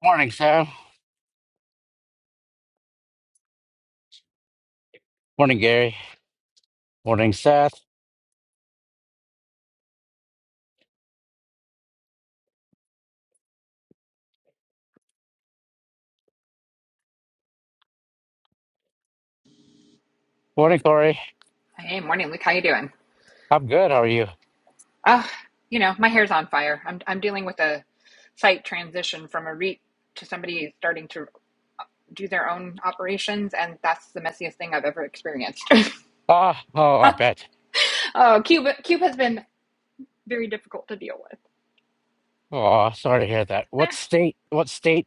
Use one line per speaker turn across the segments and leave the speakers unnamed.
Morning, Sam. Morning, Gary. Morning, Seth. Morning, Corey.
Hey, morning, Luke. How you doing?
I'm good. How are you?
Oh, you know, my hair's on fire. I'm I'm dealing with a site transition from a REIT to somebody starting to do their own operations, and that's the messiest thing I've ever experienced.
Ah, oh, I bet.
oh, Cuba, Cuba has been very difficult to deal with.
Oh, sorry to hear that. What
Eh,
state? What state?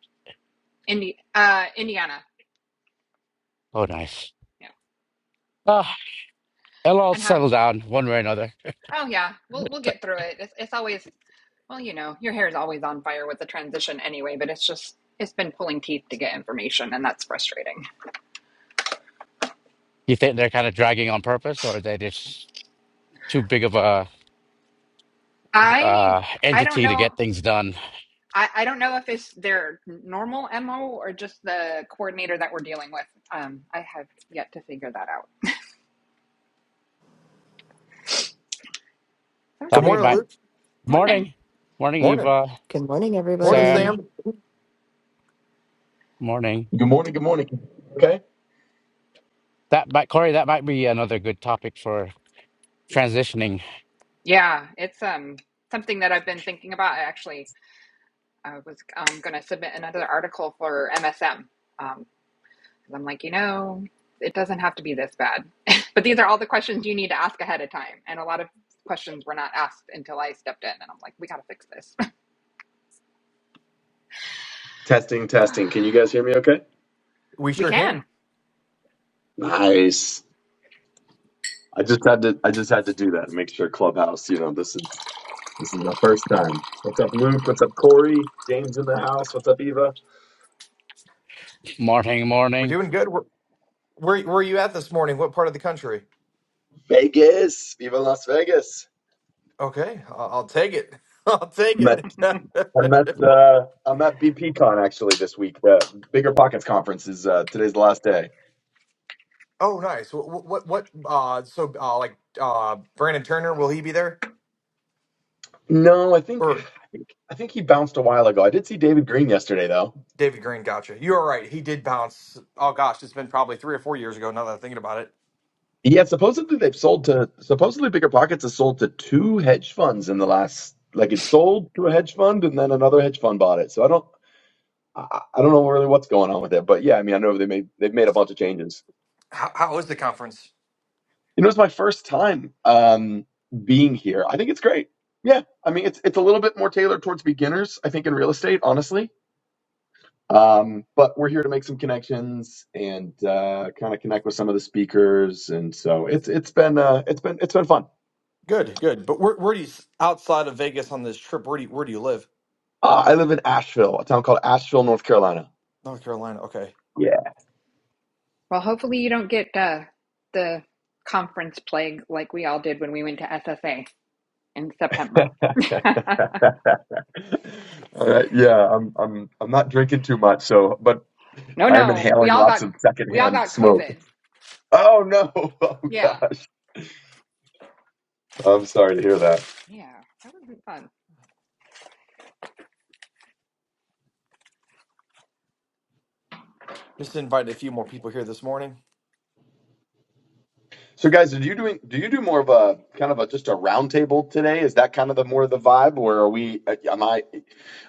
Indi- uh, Indiana,
Oh, nice.
yeah,
Ah, it'll all
and how?
settle down one way or another.
Oh yeah, we'll we'll get through it. It's it's always well, you know, your hair's always on fire with the transition anyway, but it's just it's been pulling teeth to get information, and that's frustrating.
You think they're kind of dragging on purpose, or are they just too big of a
I
uh,
I don't
entity to
know
get things done?
I, I don't know if it's their normal MO or just the coordinator that we're dealing with. Um, I have yet to figure that out. So it's
That'll
Good
been
be
morning,
my
fun.
Luke.
Morning.
morning. Morning,
Morning.
Eva.
Good morning,
Morning,
Sam.
everybody.
Sam.
Morning.
Good morning. Good morning. Okay.
That might, Corey. That might be another good topic for transitioning.
Yeah, it's um something that I've been thinking about. I actually I was um, going to submit another article for MSM. Um, 'cause I'm like, you know, it doesn't have to be this bad. but these are all the questions you need to ask ahead of time. And a lot of questions were not asked until I stepped in. And I'm like, we got to fix this.
Testing, testing. Can you guys hear me okay?
We
we
sure
can.
can.
Nice. I just had to I just had to do that. and Make sure Clubhouse, you know, this is this is my first time. What's up, Luke? What's up, Corey? James in the house. What's up, Eva?
Morning,
We're
morning.
doing good. Where, where, where are you at this morning? What part of the country?
Vegas. Viva Las Vegas.
Okay, I'll, I'll take it. I'll take
I'm at
it.
I'm at uh I'm at BPCon actually this week. The Bigger Pockets conference is uh today's the last day.
oh, nice. What, what, what uh, so, uh, like, uh, Brandon Turner, will he be there?
No, I think
Or
I think I think he bounced a while ago. I did see David Green yesterday though.
David Green, gotcha. You are right. He did bounce. Oh, gosh, it's been probably three or four years ago now that I'm thinking about it.
Yeah, supposedly they've sold to supposedly Bigger Pockets has sold to two hedge funds in the last like it sold to a hedge fund and then another hedge fund bought it. So I don't I, I don't know really what's going on with it, but yeah, I mean I know they made they've made a bunch of changes.
How, how is the conference?
You know, it's my first time um being here. I think it's great. Yeah, I mean it's it's a little bit more tailored towards beginners, I think in real estate, honestly. Um, but we're here to make some connections and uh kind of connect with some of the speakers and so it's it's been uh it's been it's been fun.
Good, good. But where, where do you, outside of Vegas on this trip, where do you, where do you live?
Uh, I live in Asheville, a town called Asheville, North Carolina.
North Carolina. Okay.
Yeah.
Well, hopefully you don't get uh, the conference plague like we all did when we went to SSA in September.
All right. Yeah, I'm I'm I'm not drinking too much, so but
No,
I am
no, we
inhaling
all
lots
got
of
we all
secondhand
got
smoke.
COVID.
Oh no! Oh
Yeah,
gosh! I'm sorry to hear that.
yeah, that wasn't fun.
Just invited a few more people here this morning.
So, guys, are you doing? Do you do more of a kind of a just a roundtable today? Is that kind of the more of the vibe, or are we? uh, Am I?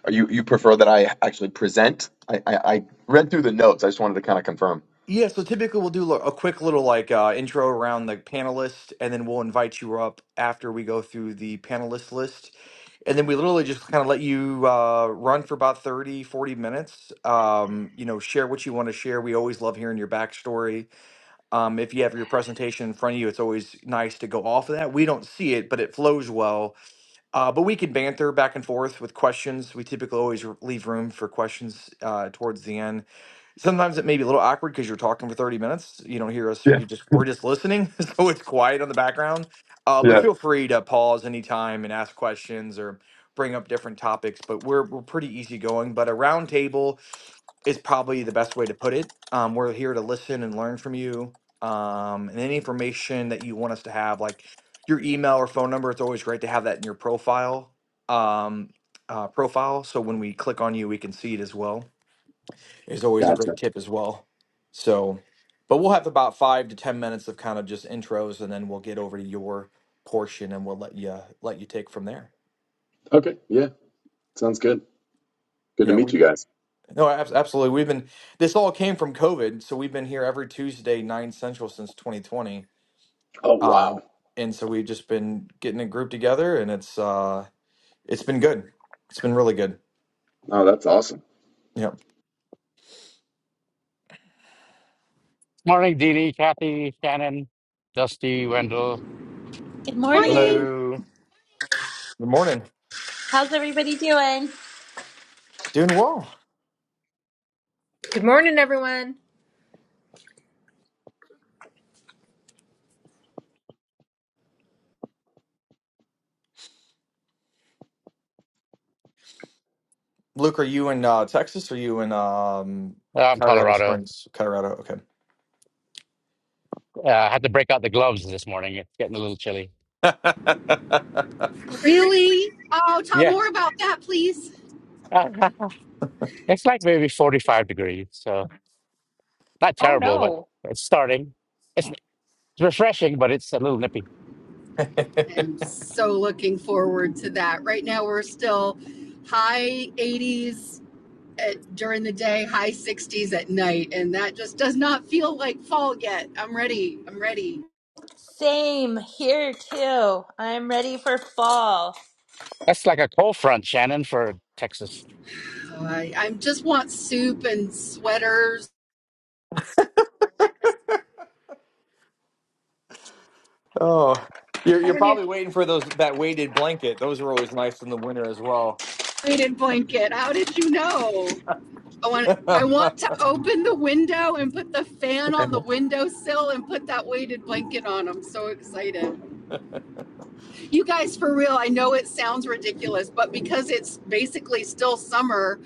Are you? You prefer that I actually present? I I, I read through the notes. I just wanted to kind of confirm.
Yeah, so typically we'll do li- a quick little like uh, intro around the panelists, and then we'll invite you up after we go through the panelist list. And then we literally just kind of let you uh, run for about 30, 40 minutes. Um, you know, share what you want to share. We always love hearing your backstory. Um, if you have your presentation in front of you, it's always nice to go off of that. We don't see it, but it flows well. Uh, but we can banter back and forth with questions. We typically always r- leave room for questions uh, towards the end sometimes it may be a little awkward because you're talking for 30 minutes you don't hear us
Yeah.
you just we're just listening so it's quiet on the background uh, but
Yeah.
feel free to pause anytime and ask questions or bring up different topics but we're, we're pretty easygoing but a round table is probably the best way to put it um, we're here to listen and learn from you um, and any information that you want us to have like your email or phone number it's always great to have that in your profile um, uh, profile so when we click on you we can see it as well is always a
Gotcha.
great tip as well. So, but we'll have about five to ten minutes of kind of just intros, and then we'll get over to your portion, and we'll let you let you take from there.
Okay. Yeah. Sounds good. Good to
Yeah,
meet
we've
you
been
guys.
no, abs- absolutely. We've been this all came from COVID, so we've been here every Tuesday nine central since 2020,
Oh,
uh,
wow.
and so we've just been getting a group together, and it's uh, it's been good. It's been really good.
Oh, that's awesome.
Yeah.
Morning, Dini, Kathy, Shannon, Dusty, Wendell.
Good
Morning.
morning.
Hello.
Good morning.
How's everybody doing?
Doing well.
Good morning, everyone.
Luke, are you in uh, Texas? Or are you in um,
Uh, I'm
Colorado
Colorado.
Springs, Colorado? Okay.
Uh, I had to break out the gloves this morning. It's getting a little chilly.
Really? Oh, talk
Yeah.
more about that, please.
it's like maybe 45 degrees. So not
Oh
terrible, but
no,
it's starting. It's it's refreshing, but it's a little nippy.
I'm so looking forward to that. Right now, we're still high 80s at, during the day, high 60s at night, and that just does not feel like fall yet. I'm ready. I'm ready.
Same here too. I'm ready for fall.
That's like a cold front, Shannon, for Texas.
So I, I just want soup and sweaters,
oh, you're
I
you're
don't need.
probably waiting for those that weighted blanket. Those are always nice in the winter as well.
weighted blanket. How did you know? I want,
well,
I want to open the window and put the fan on the windowsill and put that weighted blanket on. I'm so excited. You guys, for real, I know it sounds ridiculous, but because it's basically still summer,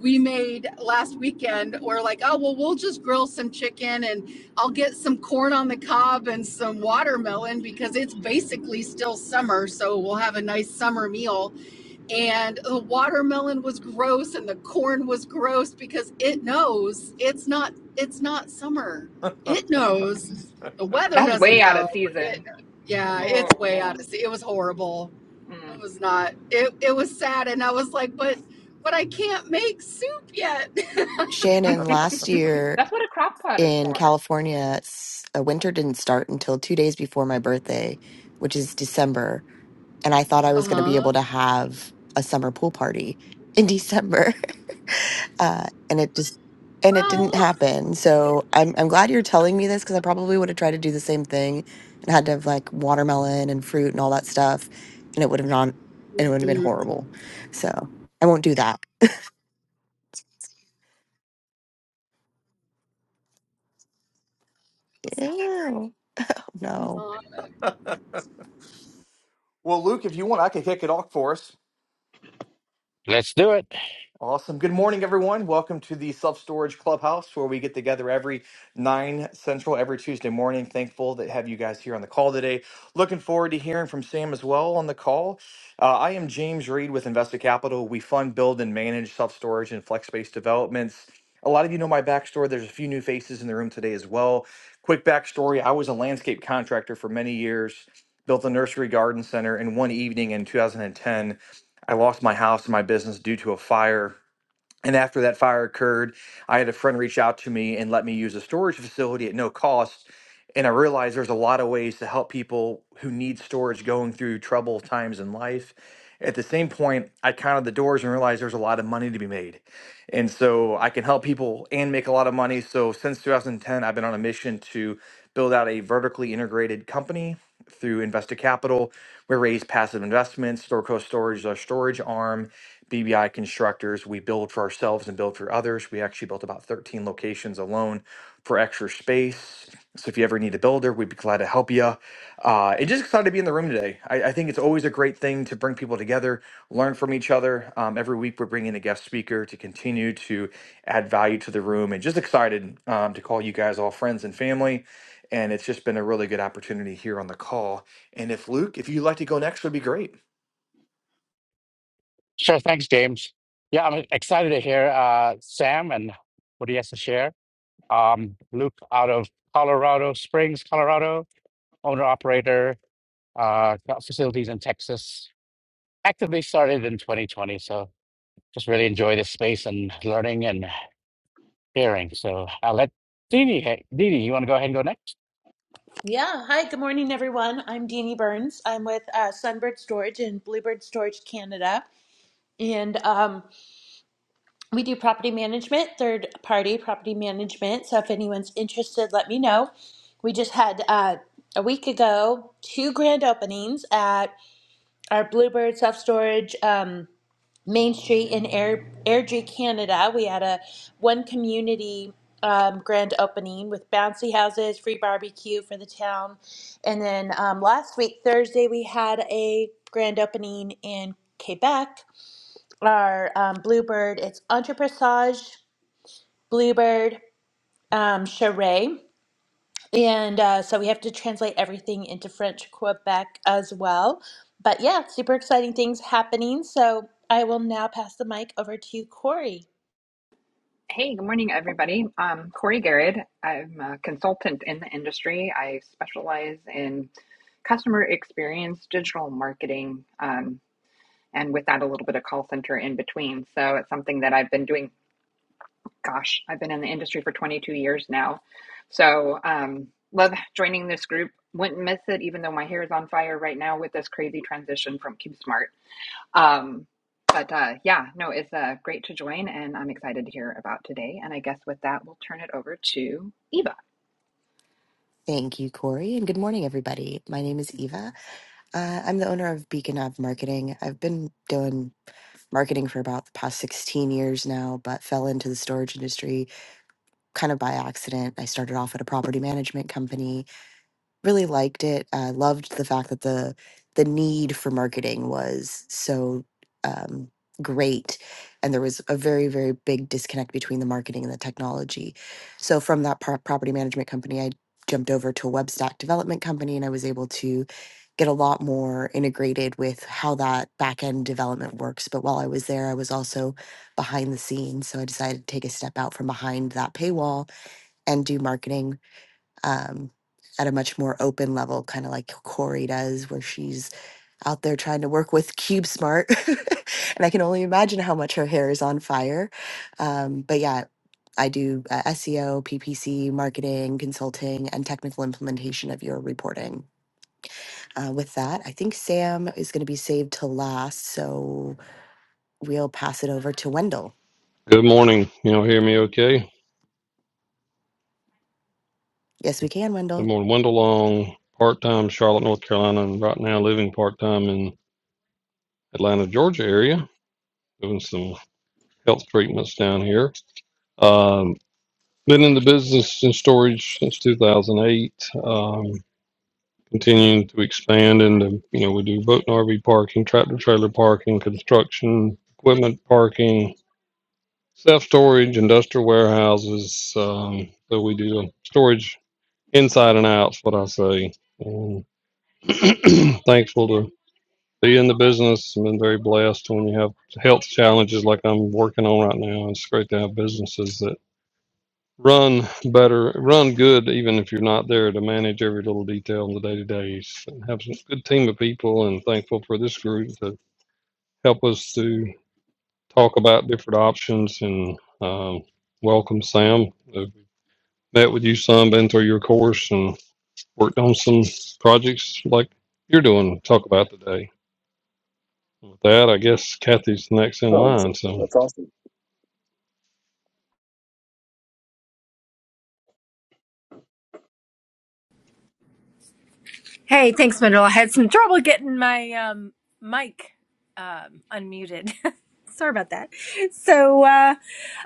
we made last weekend, we're like, oh, well, we'll just grill some chicken and I'll get some corn on the cob and some watermelon because it's basically still summer. So we'll have a nice summer meal and the watermelon was gross and the corn was gross because it knows it's not it's not summer it knows the weather
That's way
doesn't
out
know
of
but it
season.
yeah
Oh
it's way out of
man,
sea it was horrible it
mm.
was not it it was sad and i was like but but i can't make soup yet
Shannon, last year
that's what a crock pot is
in
for.
California, s- uh, winter didn't start until two days before my birthday, which is December. And I thought I was going to be
uh-huh
able to have a summer pool party in December. Uh, and it just, and it didn't
well
happen. So I'm, I'm glad you're telling me this because I probably would have tried to do the same thing and had to have like watermelon and fruit and all that stuff. And it would have not, and it would have been
mm-mm.
horrible. So I won't do that. Ew. No.
Luke, if you want, I can kick it off for us.
Let's do it.
Awesome. Good morning, everyone. Welcome to the Self Storage Clubhouse, where we get together every nine central every Tuesday morning. Thankful that have you guys here on the call today. Looking forward to hearing from Sam as well on the call. Uh, I am James Reed with Investa Capital. We fund, build, and manage self storage and flex space developments. A lot of you know my backstory. There's a few new faces in the room today as well. Quick backstory: I was a landscape contractor for many years. Built a nursery garden center, and one evening in 2010, I lost my house and my business due to a fire and after that fire occurred, I had a friend reach out to me and let me use a storage facility at no cost. And I realized there's a lot of ways to help people who need storage going through troubled times in life. At the same point, I counted the doors and realized there's a lot of money to be made. And so I can help people and make a lot of money. So since 2010, I've been on a mission to build out a vertically integrated company through Invested Capital. We raise passive investments, Storco Storage is our storage arm, BBI Constructors. We build for ourselves and build for others. We actually built about 13 locations applications alone for extra space. So if you ever need a builder, we'd be glad to help you. Uh, and just excited to be in the room today. I, I think it's always a great thing to bring people together, learn from each other. Um, every week we're bringing a guest speaker to continue to add value to the room, and just excited um, to call you guys all friends and family. And it's just been a really good opportunity here on the call. And if Luke, if you'd like to go next, would be great.
Sure. Thanks, James. Yeah, I'm excited to hear uh, Sam and what he has to share. Um, Luke out of Colorado Springs, Colorado, owner operator uh, got facilities in Texas. Actively started in 2020, so just really enjoy this space and learning and sharing. So I'll let Didi. Hey, Didi, you want to go ahead and go next?
Yeah. Hi. Good morning, everyone. I'm Deanie Burns. I'm with uh, Sunbird Storage in Bluebird Storage Canada, and um, we do property management, third party property management. So if anyone's interested, let me know. We just had uh, a week ago two grand openings at our Bluebird self storage. Um, Main Street in Air, Airdrie, Canada. We had a one community um, grand opening with bouncy houses, free barbecue for the town, and then um, last week Thursday we had a grand opening in Quebec. Our um, Bluebird, it's Entrepressage Bluebird um, Charret. And uh, so we have to translate everything into French Quebec as well. But yeah, super exciting things happening. So I will now pass the mic over to Corey.
Hey, good morning, everybody. Um, Corey Garrett. I'm a consultant in the industry. I specialize in customer experience, digital marketing. Um. and with that, a little bit of call center in between. So it's something that I've been doing. Gosh, I've been in the industry for 22 years now. So um, love joining this group. Wouldn't miss it, even though my hair is on fire right now with this crazy transition from CubeSmart. Um, but uh, yeah, no, it's uh, great to join, and I'm excited to hear about today. And I guess with that, we'll turn it over to Eva.
Thank you, Corey, and good morning, everybody. My name is Eva. Uh, I'm the owner of Beacon Ave Marketing. I've been doing marketing for about the past 16 years now, but fell into the storage industry kind of by accident. I started off at a property management company really liked it. I loved the fact that the the need for marketing was so um, great, and there was a very very big disconnect between the marketing and the technology. So from that pro- property management company, I jumped over to a web stack development company, and I was able to get a lot more integrated with how that back end development works. But while I was there, I was also behind the scenes, so I decided to take a step out from behind that paywall and do marketing um, at a much more open level, kind of like Corey does, where she's out there trying to work with Cube Smart. and I can only imagine how much her hair is on fire. Um, but yeah, I do uh, SEO, PPC, marketing, consulting, and technical implementation of your reporting. Uh, with that, I think Sam is going to be saved to last. So we'll pass it over to Wendell.
Good morning. You all hear me okay?
Yes, we can,
Good
Wendell.
morning. Wendell Long, part time Charlotte, North Carolina, and right now living part time in Atlanta, Georgia area, doing some health treatments down here. Um, been in the business and storage since 2008. Um, continuing to expand into, you know, we do boat and RV parking, tractor trailer parking, construction, equipment parking, self storage, industrial warehouses. Um, so we do storage inside and out, is what I say And thankful to be in the business. I've been very blessed when you have health challenges like I'm working on right now. It's great to have businesses that run better, run good, even if you're not there to manage every little detail in the day to days. Have some good team of people and thankful for this group to help us to talk about different options and um, welcome Sam. I've met with you some, been through your course and worked on some projects like you're doing, talk about today. With that, I guess Kathy's next in
Oh, that's,
line. So
that's awesome.
Hey, thanks, Mandel. I had some trouble getting my um, mic um, unmuted. Sorry about that. So, uh,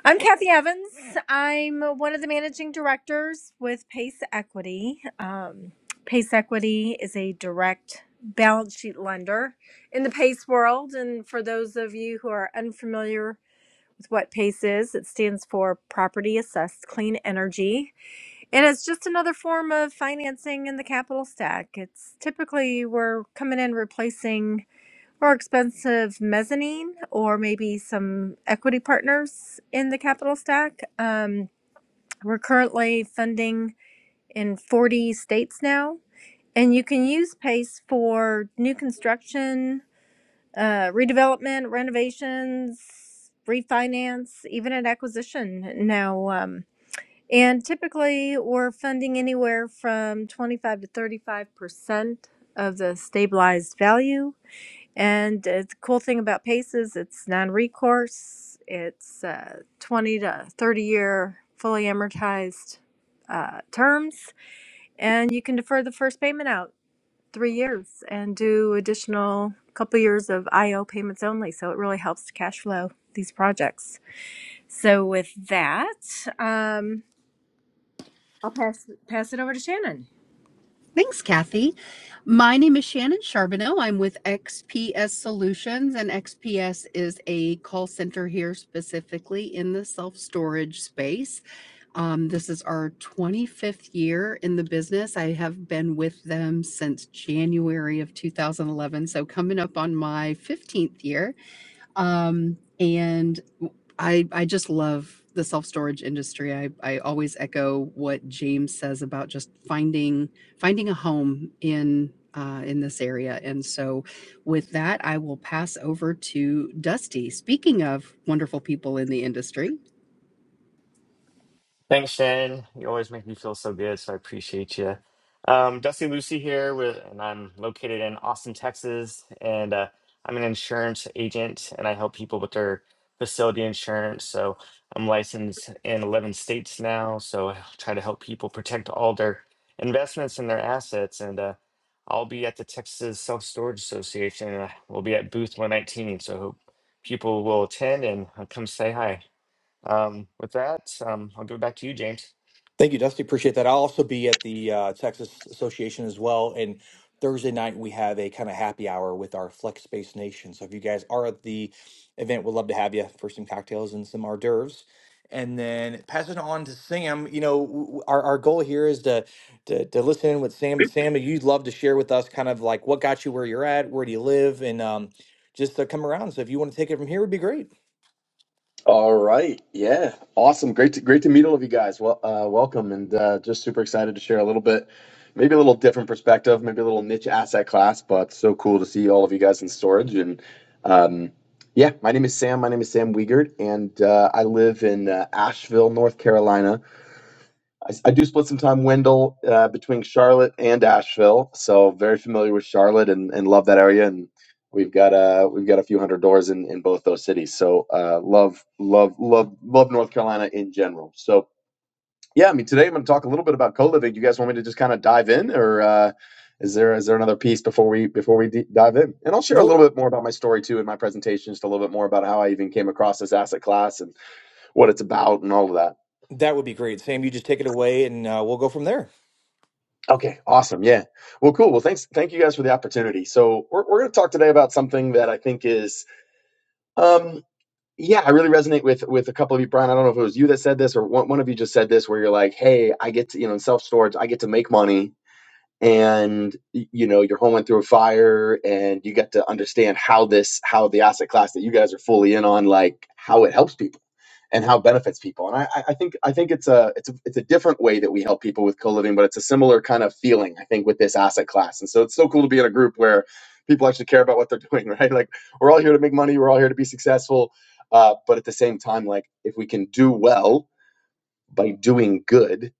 I'm Kathy Evans. I'm one of the managing directors with Pace Equity. Um, Pace Equity is a direct balance sheet lender in the PACE world. And for those of you who are unfamiliar with what PACE is, it stands for Property Assessed Clean Energy. And it's just another form of financing in the capital stack. It's typically we're coming in replacing more expensive mezzanine or maybe some equity partners in the capital stack. Um, we're currently funding in 40 states now. And you can use PACE for new construction, uh, redevelopment, renovations, refinance, even an acquisition. Now, um, and typically, we're funding anywhere from 25 to 35% of the stabilized value. And uh, the cool thing about PACE is it's non recourse, it's uh, 20 to 30 year fully amortized uh, terms. And you can defer the first payment out three years and do additional couple years of IO payments only. So it really helps to cash flow these projects. So, with that, um, I'll pass pass it over to Shannon.
Thanks, Kathy. My name is Shannon Charbonneau. I'm with XPS Solutions, and XPS is a call center here specifically in the self storage space. Um, this is our 25th year in the business. I have been with them since January of 2011, so coming up on my 15th year. Um, and I I just love the self-storage industry. I I always echo what James says about just finding finding a home in uh, in this area. And so with that, I will pass over to Dusty. Speaking of wonderful people in the industry.
Thanks, Shannon. You always make me feel so good, so I appreciate you. Um, Dusty Lucy here, with, and I'm located in Austin, Texas, and uh, I'm an insurance agent, and I help people with their facility insurance. So I'm licensed in 11 states now, so I try to help people protect all their investments and their assets. And uh, I'll be at the Texas Self Storage Association, and I- we'll be at booth 119. So I hope people will attend and uh, come say hi. Um, with that, um, I'll give it back to you, James.
Thank you, Dusty. Appreciate that. I'll also be at the uh, Texas Association as well. And Thursday night, we have a kind of happy hour with our Flex Space Nation. So if you guys are at the event, we'd love to have you for some cocktails and some hors d'oeuvres. And then pass it on to Sam. You know, w- w- our, our goal here is to, to to listen in with Sam. And Sam, you'd love to share with us kind of like what got you where you're at, where do you live, and um, just to come around. So if you want to take it from here, would be great.
All right. Yeah. Awesome. Great to great to meet all of you guys. Well, uh, welcome and uh, just super excited to share a little bit, maybe a little different perspective, maybe a little niche asset class, but so cool to see all of you guys in storage. And um, yeah, my name is Sam. My name is Sam Wiegert, and uh, I live in uh, Asheville, North Carolina. I I do split some time, Wendell, uh, between Charlotte and Asheville, so very familiar with Charlotte and, and love that area. And we've got uh, we've got a few hundred doors in, in both those cities, so uh, love love love love North Carolina in general. So yeah, I mean today I'm going to talk a little bit about co living. You guys want me to just kind of dive in, or uh, is there is there another piece before we before we d- dive in? And I'll share a
Nope.
little bit more about my story too in my presentation, just a little bit more about how I even came across this asset class and what it's about and all of that.
That would be great. Sam, you just take it away and uh, we'll go from there.
Okay, awesome. Yeah. Well, cool. Well, thanks. Thank you guys for the opportunity. So we're we're going to talk today about something that I think is, um, yeah, I really resonate with with a couple of you, Brian. I don't know if it was you that said this or one one of you just said this, where you're like, hey, I get to you know in self storage, I get to make money, and y- you know your home went through a fire, and you get to understand how this how the asset class that you guys are fully in on, like how it helps people and how it benefits people. And I, I think I think it's a it's a it's a different way that we help people with co-living, but it's a similar kind of feeling, I think, with this asset class. And so it's so cool to be in a group where people actually care about what they're doing, right? Like we're all here to make money, we're all here to be successful. Uh, but at the same time, like if we can do well by doing good,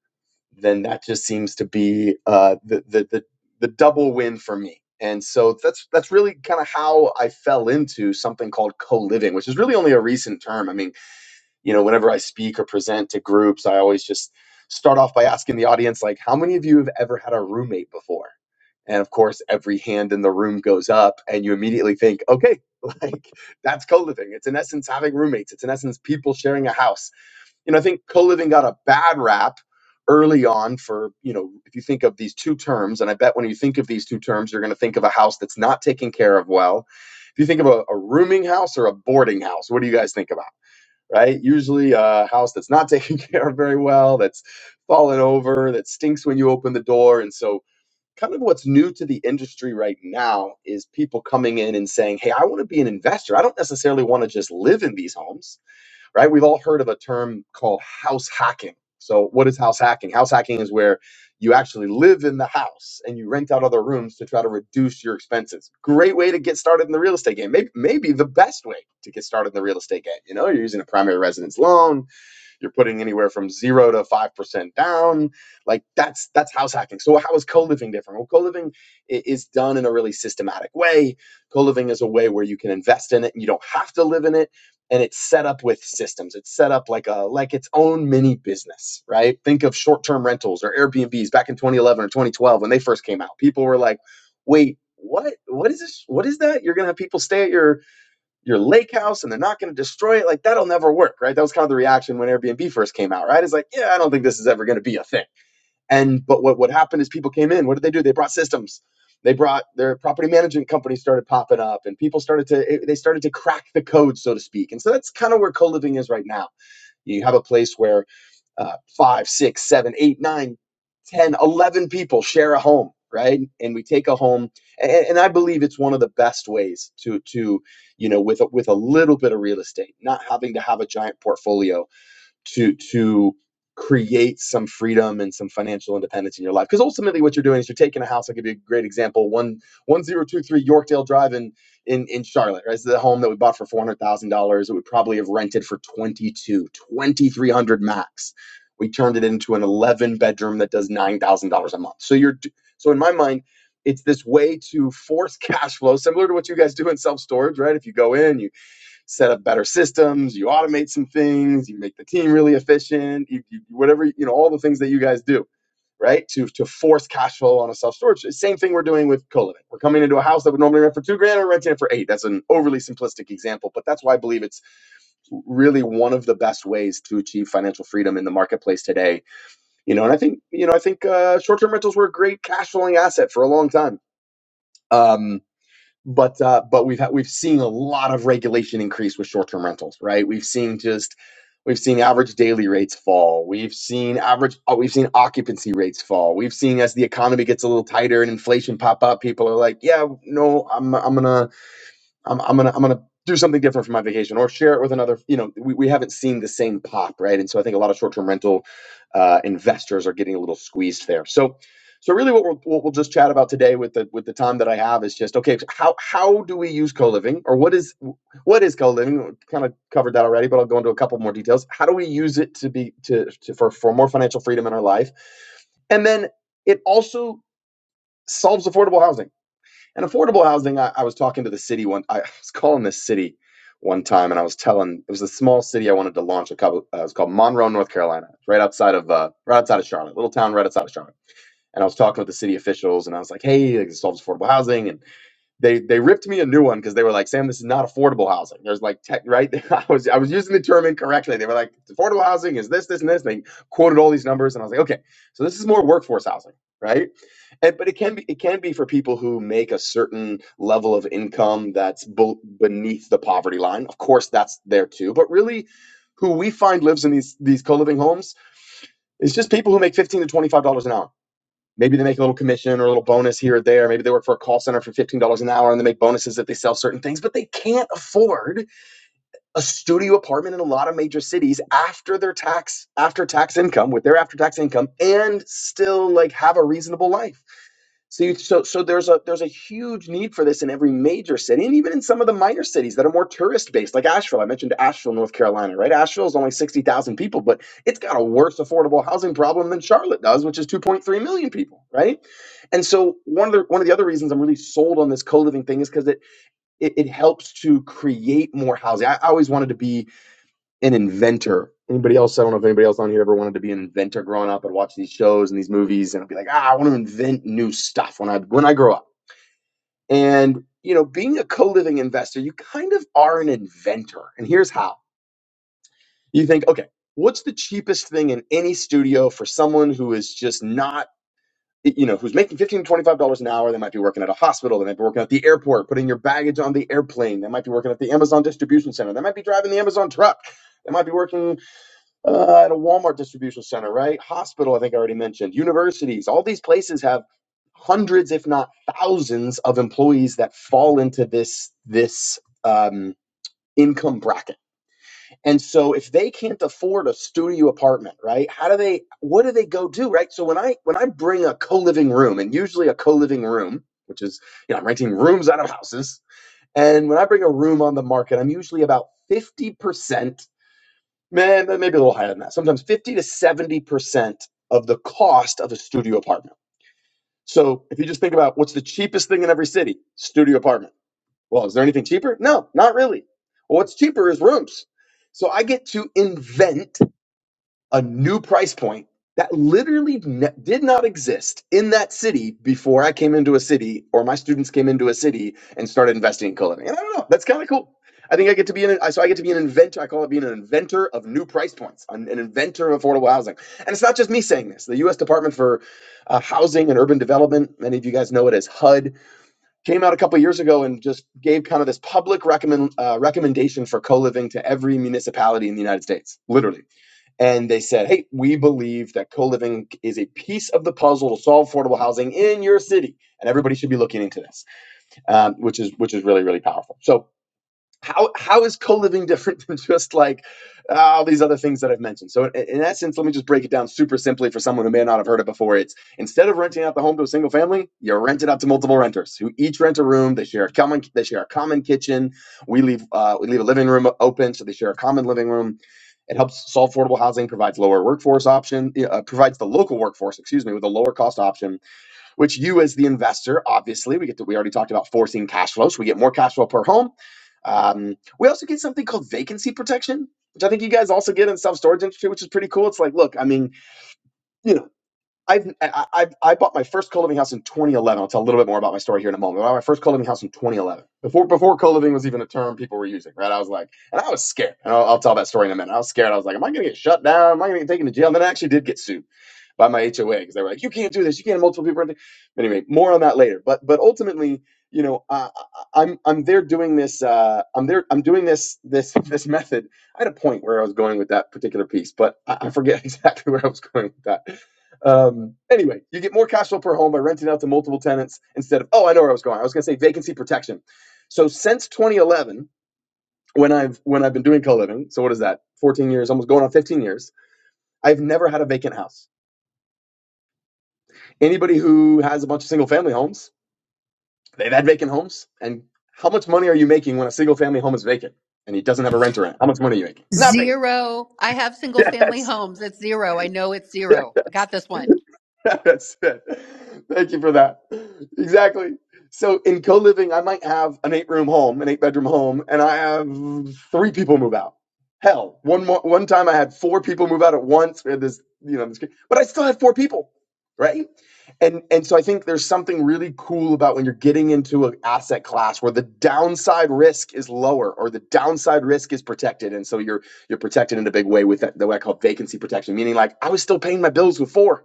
then that just seems to be uh, the, the the the double win for me. And so that's that's really kind of how I fell into something called co-living, which is really only a recent term. I mean, you know whenever i speak or present to groups i always just start off by asking the audience like how many of you have ever had a roommate before and of course every hand in the room goes up and you immediately think okay like that's co-living it's in essence having roommates it's in essence people sharing a house you know i think co-living got a bad rap early on for you know if you think of these two terms and i bet when you think of these two terms you're going to think of a house that's not taken care of well if you think of a, a rooming house or a boarding house what do you guys think about right? Usually a house that's not taken care of very well, that's fallen over, that stinks when you open the door. And so, kind of what's new to the industry right now is people coming in and saying, Hey, I want to be an investor. I don't necessarily want to just live in these homes right? We've all heard of a term called house hacking. So, what is house hacking? House hacking is where you actually live in the house and you rent out other rooms to try to reduce your expenses. Great way to get started in the real estate game. Maybe, maybe the best way to get started in the real estate game. You know, you're using a primary residence loan, you're putting anywhere from zero to five percent down. Like that's that's house hacking. So how is co-living different? Well, co-living i- is done in a really systematic way. Co-living is a way where you can invest in it and you don't have to live in it. And it's set up with systems. It's set up like a like its own mini business, right? Think of short-term rentals or Airbnbs back in 2011 or 2012 when they first came out. People were like, "Wait, what? What is this? What is that? You're gonna have people stay at your your lake house and they're not going to destroy it. Like that'll never work, right? That was kind of the reaction when Airbnb first came out, right? It's like, yeah, I don't think this is ever going to be a thing. And but what what happened is people came in. What did they do? They brought systems. They brought their property management companies started popping up, and people started to they started to crack the code, so to speak. And so that's kind of where co living is right now. You have a place where uh, five, six, seven, eight, nine 10, 11 people share a home, right? And we take a home, and, and I believe it's one of the best ways to to you know with a, with a little bit of real estate, not having to have a giant portfolio to to create some freedom and some financial independence in your life because ultimately what you're doing is you're taking a house i'll give you a great example one one zero two three yorkdale drive in in in charlotte right? It's the home that we bought for four hundred thousand dollars it would probably have rented for 22 2300 max we turned it into an 11 bedroom that does nine thousand dollars a month so you're so in my mind it's this way to force cash flow similar to what you guys do in self storage right if you go in you set up better systems, you automate some things, you make the team really efficient, you, you whatever, you know, all the things that you guys do, right? To to force cash flow on a self-storage. Same thing we're doing with co-living. We're coming into a house that would normally rent for two grand and we're renting it for eight. That's an overly simplistic example, but that's why I believe it's really one of the best ways to achieve financial freedom in the marketplace today. You know, and I think, you know, I think uh, short-term rentals were a great cash flowing asset for a long time. Um, but uh, but we've had, we've seen a lot of regulation increase with short-term rentals, right? We've seen just we've seen average daily rates fall. We've seen average oh, we've seen occupancy rates fall. We've seen as the economy gets a little tighter and inflation pop up, people are like, yeah, no, I'm I'm gonna I'm, I'm gonna I'm gonna do something different for my vacation or share it with another. You know, we, we haven't seen the same pop, right? And so I think a lot of short term rental uh, investors are getting a little squeezed there. So so really, what we'll, what we'll just chat about today with the with the time that I have is just okay. so How how do we use co living or what is what is co living? Kind of covered that already, but I'll go into a couple more details. How do we use it to be to, to for for more financial freedom in our life? And then it also solves affordable housing and affordable housing, I, I was talking to the city one. I was calling this city one time, and I was telling it was a small city I wanted to launch a couple. Uh, it was called Monroe, North Carolina, right outside of uh, right outside of Charlotte, little town right outside of Charlotte. And I was talking with the city officials, and I was like, "Hey, like, this solves affordable housing." And they they ripped me a new one because they were like, "Sam, this is not affordable housing." There's like tech, right? I was I was using the term incorrectly. They were like, "Affordable housing is this, this, and this." And they quoted all these numbers, and I was like, "Okay, so this is more workforce housing, right?" And, but it can be it can be for people who make a certain level of income that's bel- beneath the poverty line. Of course, that's there too. But really, who we find lives in these these co living homes is just people who make fifteen to twenty five dollars an hour. Maybe they make a little commission or a little bonus here or there. Maybe they work for a call center for fifteen dollars an hour and they make bonuses if they sell certain things. But they can't afford a studio apartment in a lot of major cities after their tax after tax income with their after tax income and still like have a reasonable life See, so so there's a there's a huge need for this in every major city, and even in some of the minor cities that are more tourist based, like Asheville. I mentioned Asheville, North Carolina, right? Asheville is only sixty thousand people, but it's got a worse affordable housing problem than Charlotte does, which is two point three million people, right? And so one of the one of the other reasons I'm really sold on this co living thing is because it, it it helps to create more housing. I, I always wanted to be an inventor. Anybody else? I don't know if anybody else on here ever wanted to be an inventor growing up and watch these shows and these movies and be like, ah, I want to invent new stuff when I when I grow up. And you know, being a co-living investor, you kind of are an inventor. And here's how: you think, okay, what's the cheapest thing in any studio for someone who is just not you know who's making 15 to 25 dollars an hour they might be working at a hospital they might be working at the airport putting your baggage on the airplane they might be working at the amazon distribution center they might be driving the amazon truck they might be working uh, at a Walmart distribution center, right? Hospital, I think I already mentioned, universities, all these places have hundreds, if not thousands, of employees that fall into this this um, income bracket. And so, if they can't afford a studio apartment, right? How do they? What do they go do, right? So when I when I bring a co living room, and usually a co living room, which is you know I'm renting rooms out of houses, and when I bring a room on the market, I'm usually about fifty percent Man, maybe a little higher than that. Sometimes 50 to 70% of the cost of a studio apartment. So if you just think about what's the cheapest thing in every city, studio apartment. Well, is there anything cheaper? No, not really. Well, what's cheaper is rooms. So I get to invent a new price point that literally ne- did not exist in that city before I came into a city or my students came into a city and started investing in culinary. And I don't know, that's kind of cool. I think I get to be an I- so I get to be an inventor. I call it being an inventor of new price points, an, an inventor of affordable housing. And it's not just me saying this. The U.S. Department for uh, Housing and Urban Development, many of you guys know it as HUD, came out a couple years ago and just gave kind of this public recommend uh, recommendation for co living to every municipality in the United States, literally and they said, "Hey, we believe that co-living is a piece of the puzzle to solve affordable housing in your city, and everybody should be looking into this," um, which is which is really really powerful. So how how is co-living different than just like uh, all these other things that I've mentioned? So in, in that sense, let me just break it down super simply for someone who may not have heard it before. It's instead of renting out the home to a single family, you rent it out to multiple renters who each rent a room. They share a common they share a common kitchen. We leave uh, we leave a living room open, so they share a common living room. It helps solve affordable housing, provides lower workforce option, uh, provides the local workforce, excuse me, with a lower cost option which you as the investor obviously we get to we already talked about forcing cash flow so we get more cash flow per home um, we also get something called vacancy protection which i think you guys also get in self-storage industry which is pretty cool it's like look i mean you know I've, I, I, I bought my first co-living house in 2011. I'll tell a little bit more about my story here in a moment. I bought my first co-living house in 2011. Before before co-living was even a term people were using, right? I was like, and I was scared. And I'll, I'll tell that story in a minute. I was scared. I was like, am I going to get shut down? Am I going to get taken to jail? And then I actually did get sued by my HOA because they were like, you can't do this, you can't have multiple people Anyway, more on that later. But but ultimately, you know, I, I- I'm I'm there doing this. Uh, I'm there. I'm doing this this this method. I had a point where I was going with that particular piece, but I, I forget exactly where I was going with that. Um, anyway, you get more cash flow per home by renting out to multiple tenants instead of oh, I know where I was going. I was going to say vacancy protection. So since 2011, when I've when I've been doing co-living, so what is that? 14 years, almost going on 15 years. I've never had a vacant house. Anybody who has a bunch of single family homes, they've had vacant homes. And how much money are you making when a single family home is vacant and he doesn't have a renter in it? How much money are you making? Nothing.
single films. It's zero. I know it's
Yes.
zero. I
Yes.
got this one.
That's it. Thank you for that. Exactly. So in co-living, I might have an eight-room home, an eight-bedroom home, and I have three people move out. Hell, one more, one time I had four people move out at once. We had this, you know, this, but I still had four people, right? And and so I think there's something really cool about when you're getting into an asset class where the downside risk is lower or the downside risk is protected, and so you're you're protected in a big way with that, the way I call vacancy protection, meaning like I was still paying my bills with four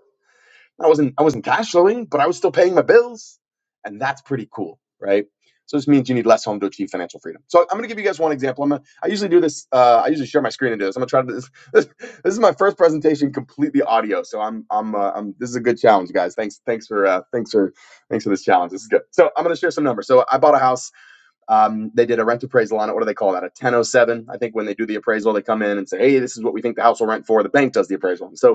I wasn't I wasn't cash flowing, but I was still paying my bills, and that's pretty cool, right? So this means you need less home to achieve financial freedom. So I'm going to give you guys one example. I'm gonna, I usually do this. Uh, I usually share my screen and do this. I'm going to try to do this, this. This is my first presentation completely audio, so I'm I'm, uh, I'm this is a good challenge, guys. Thanks thanks for uh, thanks for thanks for this challenge. This is good. So I'm going to share some numbers. So I bought a house. Um, they did a rent appraisal on it. What do they call that? A 1007. I think when they do the appraisal, they come in and say, hey, this is what we think the house will rent for. The bank does the appraisal. So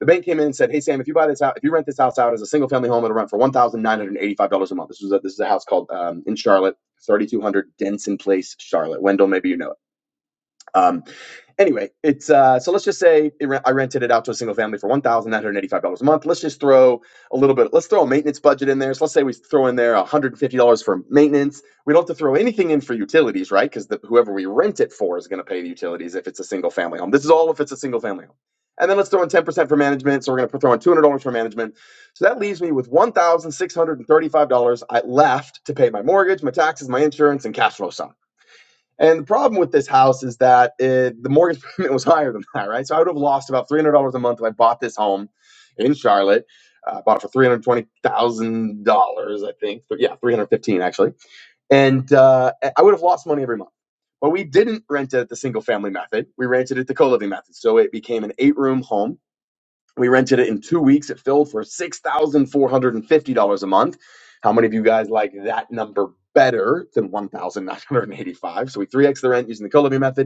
the bank came in and said, "Hey Sam, if you buy this out, if you rent this house out as a single family home, it'll rent for one thousand nine hundred eighty-five dollars a month." This was a, this is a house called um, in Charlotte, thirty-two hundred Denson Place, Charlotte. Wendell, maybe you know it. Um, Anyway, it's uh, so let's just say it re- I rented it out to a single family for one thousand nine hundred eighty-five dollars a month. Let's just throw a little bit. Let's throw a maintenance budget in there. So let's say we throw in there one hundred fifty dollars for maintenance. We don't have to throw anything in for utilities, right? Because whoever we rent it for is going to pay the utilities if it's a single family home. This is all if it's a single family home. And then let's throw in ten percent for management. So we're going to throw in two hundred dollars for management. So that leaves me with one thousand six hundred and thirty-five dollars I left to pay my mortgage, my taxes, my insurance, and cash flow sum. And the problem with this house is that it, the mortgage payment was higher than that, right? So I would have lost about three hundred dollars a month if I bought this home in Charlotte. Uh, I uh, bought it for three hundred twenty thousand dollars, I think. But yeah, three hundred fifteen actually. And uh, I would have lost money every month. But we didn't rent it at the single family method. We rented it the co living method. So it became an eight room home we rented it in two weeks. It filled for $6,450 a month. How many of you guys like that number better than $1,985? So we 3X the rent using the co living method.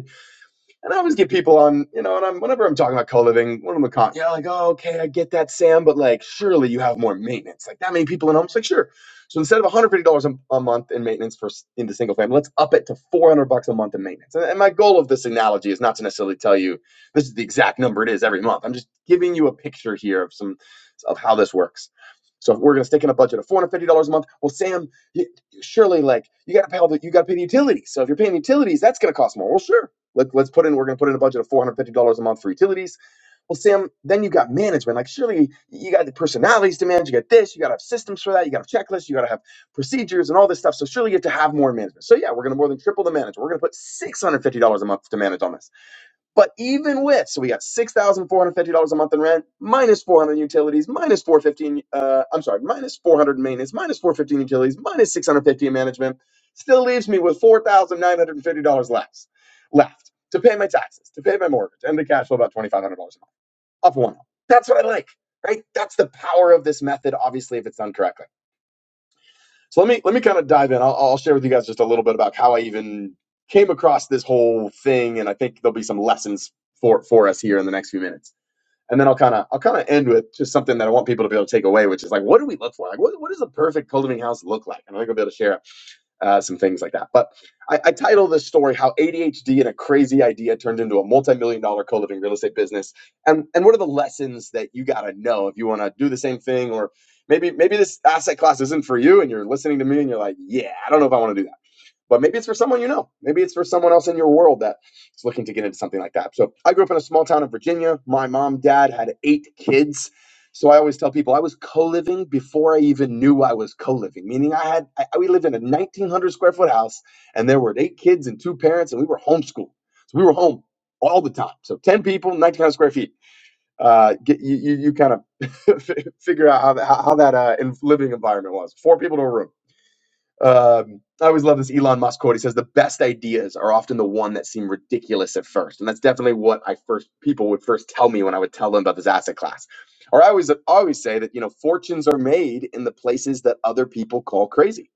And I always get people on, you know, and I'm whenever I'm talking about co-living, one of them con, yeah, like, oh, okay, I get that, Sam, but like, surely you have more maintenance, like that many people in homes, like, sure. So instead of $150 a, a month in maintenance for s- into single family, let's up it to 400 bucks a month in maintenance. And, and my goal of this analogy is not to necessarily tell you this is the exact number it is every month. I'm just giving you a picture here of some of how this works. So if we're gonna stick in a budget of $450 a month, well, Sam, you, surely like you gotta pay all the you gotta pay the utilities. So if you're paying utilities, that's gonna cost more. Well, sure. Let, let's put in, we're going to put in a budget of $450 a month for utilities. Well, Sam, then you got management. Like, surely you got the personalities to manage. You got this, you got to have systems for that. You got to have checklists, you got to have procedures and all this stuff. So, surely you have to have more management. So, yeah, we're going to more than triple the management. We're going to put $650 a month to manage on this. But even with, so we got six thousand four hundred fifty dollars a month in rent, minus four hundred utilities, minus four fifteen. Uh, I'm sorry, minus four hundred maintenance, minus four fifteen utilities, minus six hundred fifty in management. Still leaves me with four thousand nine hundred fifty dollars left, left to pay my taxes, to pay my mortgage, and the cash flow about twenty five hundred dollars a month off of one. home. That's what I like, right? That's the power of this method. Obviously, if it's done correctly. So let me let me kind of dive in. I'll, I'll share with you guys just a little bit about how I even came across this whole thing, and I think there'll be some lessons for for us here in the next few minutes. And then I'll kind of I'll kind of end with just something that I want people to be able to take away, which is like, what do we look for? Like, what, what does a perfect cultivating house look like? And I think I'll be able to share uh, some things like that. But I, I title this story "How ADHD and a Crazy Idea Turned into a Multi-Million Dollar Co-Living Real Estate Business," and and what are the lessons that you got to know if you want to do the same thing, or maybe maybe this asset class isn't for you, and you're listening to me and you're like, yeah, I don't know if I want to do that but maybe it's for someone you know. Maybe it's for someone else in your world that is looking to get into something like that. So I grew up in a small town in Virginia. My mom, dad had eight kids. So I always tell people I was co-living before I even knew I was co-living, meaning I had I, we lived in a 1900 square foot house and there were eight kids and two parents and we were homeschooled. So we were home all the time. So 10 people, 1900 square feet. Uh, get, you, you, you kind of figure out how, that- how, that uh, in, living environment was. Four people to a room. Um, I always love this Elon Musk quote. He says, "The best ideas are often the one that seem ridiculous at first, and that's definitely what I first people would first tell me when I would tell them about this asset class. Or I always always say that you know fortunes are made in the places that other people call crazy.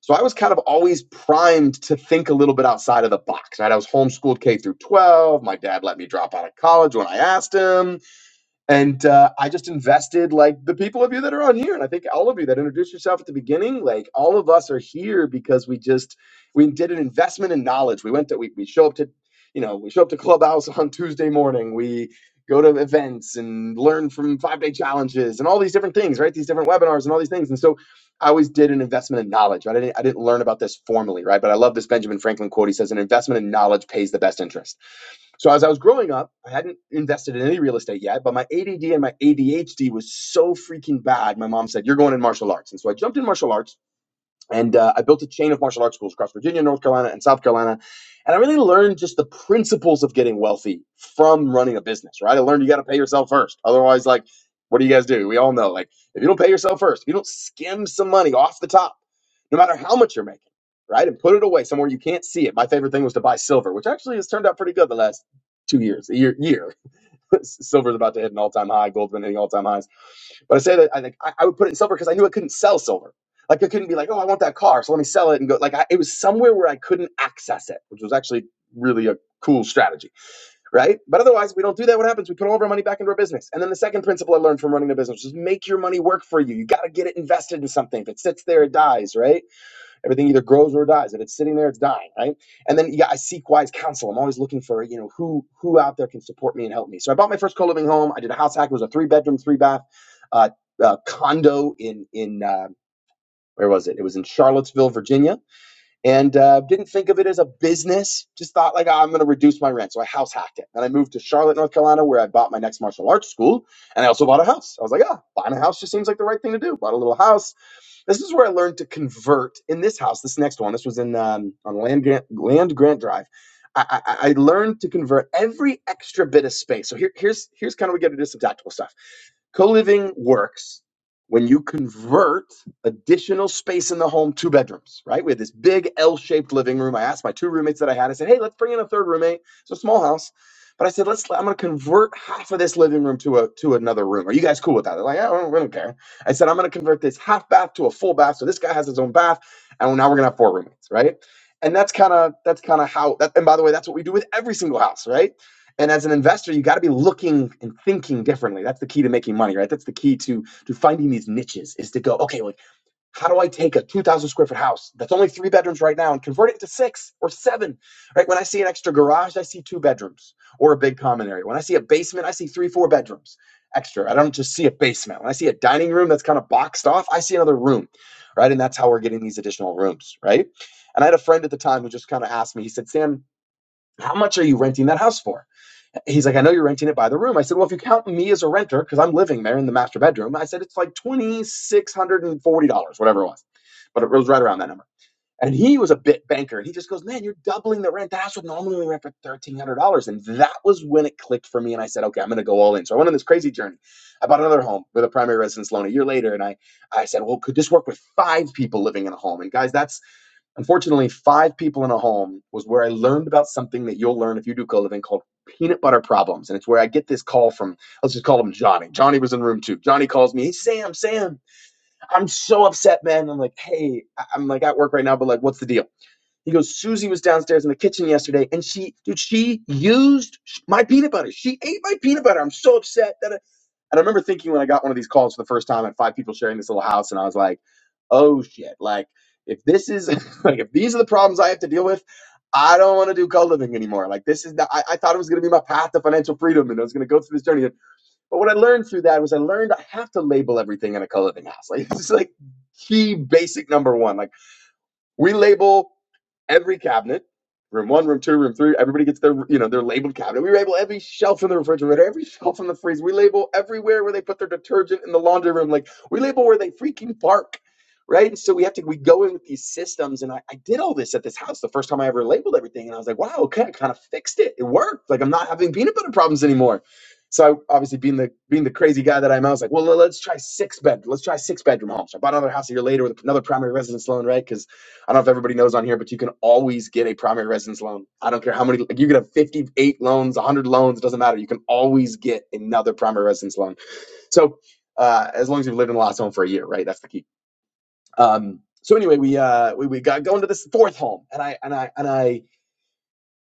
So I was kind of always primed to think a little bit outside of the box. Right? I was homeschooled K through 12. My dad let me drop out of college when I asked him and uh, I just invested like the people of you that are on here, and I think all of you that introduced yourself at the beginning, like all of us are here because we just we did an investment in knowledge. We went to we we show up to you know we show up to clubhouse on Tuesday morning. We go to events and learn from five day challenges and all these different things, right? These different webinars and all these things, and so. I always did an investment in knowledge. Right? I didn't. I didn't learn about this formally, right? But I love this Benjamin Franklin quote. He says, "An investment in knowledge pays the best interest." So as I was growing up, I hadn't invested in any real estate yet, but my ADD and my ADHD was so freaking bad. My mom said, "You're going in martial arts," and so I jumped in martial arts and uh, I built a chain of martial arts schools across Virginia, North Carolina, and South Carolina. And I really learned just the principles of getting wealthy from running a business, right? I learned you got to pay yourself first. Otherwise, like, what do you guys do? We all know, like, if you don't pay yourself first, if you don't skim some money off the top, no matter how much you're making, right? And put it away somewhere you can't see it. My favorite thing was to buy silver, which actually has turned out pretty good the last two years, a year, year. Silver's about to hit an all time high, gold's been hitting all time highs but I say that I like I, I would put it in silver because I knew I couldn't sell silver. Like I couldn't be like, oh, I want that car, so let me sell it and go. Like I, it was somewhere where I couldn't access it, which was actually really a cool strategy, right? But otherwise, we don't do that. What happens? We put all of our money back into our business. And then the second principle I learned from running the business is make your money work for you. You got to get it invested in something. If it sits there, it dies, right? Everything either grows or dies. If it's sitting there, it's dying, right? And then yeah, I seek wise counsel. I'm always looking for you know who who out there can support me and help me. So I bought my first co living home. I did a house hack. It was a three bedroom, three bath uh, uh, condo in in uh, where was it? It was in Charlottesville, Virginia, and uh, didn't think of it as a business. Just thought like "Ah, I'm going to reduce my rent, so I house hacked it. Then I moved to Charlotte, North Carolina, where I bought my next martial arts school, and I also bought a house. I was like, ah, oh, buying a house just seems like the right thing to do. Bought a little house this is where I learned to convert in this house. This next one, this was in um, on land grant land grant drive. I, I, I learned to convert every extra bit of space. So here, here's here's kind of we get to do some tactical stuff Co-living works when you convert additional space in the home to bedrooms, right? We had this big L-shaped living room. I asked my two roommates that I had, I said, hey, let's bring in a third roommate. It's a small house. But I said, let's I'm gonna convert half of this living room to a to another room. Are you guys cool with that? They're like, yeah, we don't we don't care. I said, I'm gonna convert this half bath to a full bath. So this guy has his own bath, and now we're gonna have four roommates, right? And that's kind of that's kind of how that and by the way, that's what we do with every single house, right? and as an investor you got to be looking and thinking differently that's the key to making money right that's the key to to finding these niches is to go okay like how do i take a 2000 square foot house that's only three bedrooms right now and convert it into six or seven right when i see an extra garage i see two bedrooms or a big common area when i see a basement i see three four bedrooms extra i don't just see a basement when i see a dining room that's kind of boxed off i see another room right and that's how we're getting these additional rooms right and i had a friend at the time who just kind of asked me he said sam how much are you renting that house for he's like, I know you're renting it by the room. I said, well, if you count me as a renter, because I'm living there in the master bedroom, I said, it's like $2,640, whatever it was. But it was right around that number. And he was a bit banker. And he just goes, man, you're doubling the rent. That's what normally we rent for $1,300. And that was when it clicked for me. And I said, okay, I'm going to go all in. So I went on this crazy journey. I bought another home with a primary residence loan a year later. And I, I said, well, could this work with five people living in a home? And guys, that's Unfortunately, five people in a home was where I learned about something that you'll learn if you do co-living called peanut butter problems. And it's where I get this call from, let's just call him Johnny. Johnny was in room two. Johnny calls me, hey, Sam, Sam, I'm so upset, man. I'm like, hey, I- am like at work right now, but like, what's the deal? He goes, Susie was downstairs in the kitchen yesterday and she, dude, she used my peanut butter. She ate my peanut butter. I'm so upset. Da, and I remember thinking when I got one of these calls for the first time, and five people sharing this little house, and I was like, "Oh shit! Like, if this is like if these are the problems I have to deal with, I don't want to do co-living anymore. Like, this is not, I, I thought it was going to be my path to financial freedom, and I was going to go through this journey. But what I learned through that was I learned I have to label everything in a co-living house. Like, this is like key basic number one. Like we label every cabinet, room one, room two, room three. Everybody gets their, you know, their labeled cabinet. We label every shelf in the refrigerator, every shelf in the freezer. We label everywhere where they put their detergent in the laundry room. Like we label where they freaking park, right? And so we have to we go in with these systems. And I, I did all this at this house the first time I ever labeled everything, and I was like, wow, okay, I kind of fixed it. It worked. Like I'm not having peanut butter problems anymore. So I obviously being the being the crazy guy that I am, I was like, well, let's try six bed. Let's try six bedroom homes. I bought another house a year later with another primary residence loan, right? Because I don't know if everybody knows on here, but you can always get a primary residence loan. I don't care how many, like you can have 58 loans, 100 loans, it doesn't matter. You can always get another primary residence loan. So, uh, as long as you've lived in the last home for a year, right? That's the key. Um, so anyway, we, uh, we, we got going to this fourth home and I, and I, and I,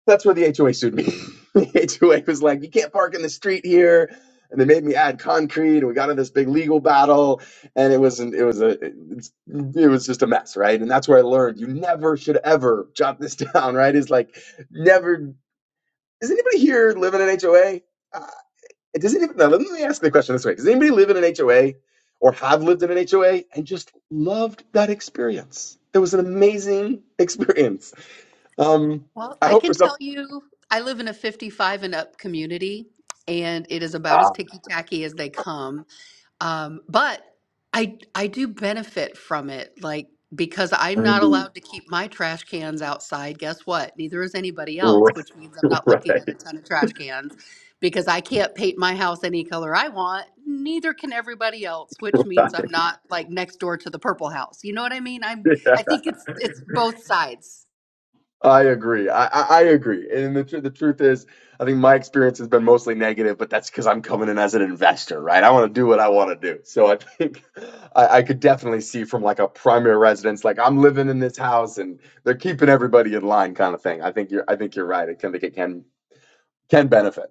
that's where the HOA sued me. the HOA was like, you can't park in the street here. And they made me add concrete, and we got into this big legal battle, and it was an, it was a it's, it was just a mess, right? And that's where I learned you never should ever jot this down, right? Is like never. Is anybody here living in an HOA? Uh, does anybody? Now, let me ask the question this way: Does anybody live in an HOA or have lived in an HOA and just loved that experience? It was an amazing experience. Um,
Well,
I
I
hope for
can
some.
tell you, I live in a 55 and up community, and it is about as ticky tacky as they come. Um, but I I do benefit from it, like because I'm not allowed to keep my trash cans outside. Guess what? Neither is anybody else, which means I'm not looking at a ton of trash cans because I can't paint my house any color I want. Neither can everybody else, which means I'm not like next door to the purple house. You know what I mean? I'm
Yeah,
I think it's it's both sides.
I agree. I, I, I agree. And the, tr- the truth is, I think my experience has been mostly negative, but that's because I'm coming in as an investor, right? I want to do what I want to do. So I think I, I could definitely see from like a primary residence, like I'm living in this house and they're keeping everybody in line kind of thing. I think you're, I think you're right. It can, I think it can, can benefit.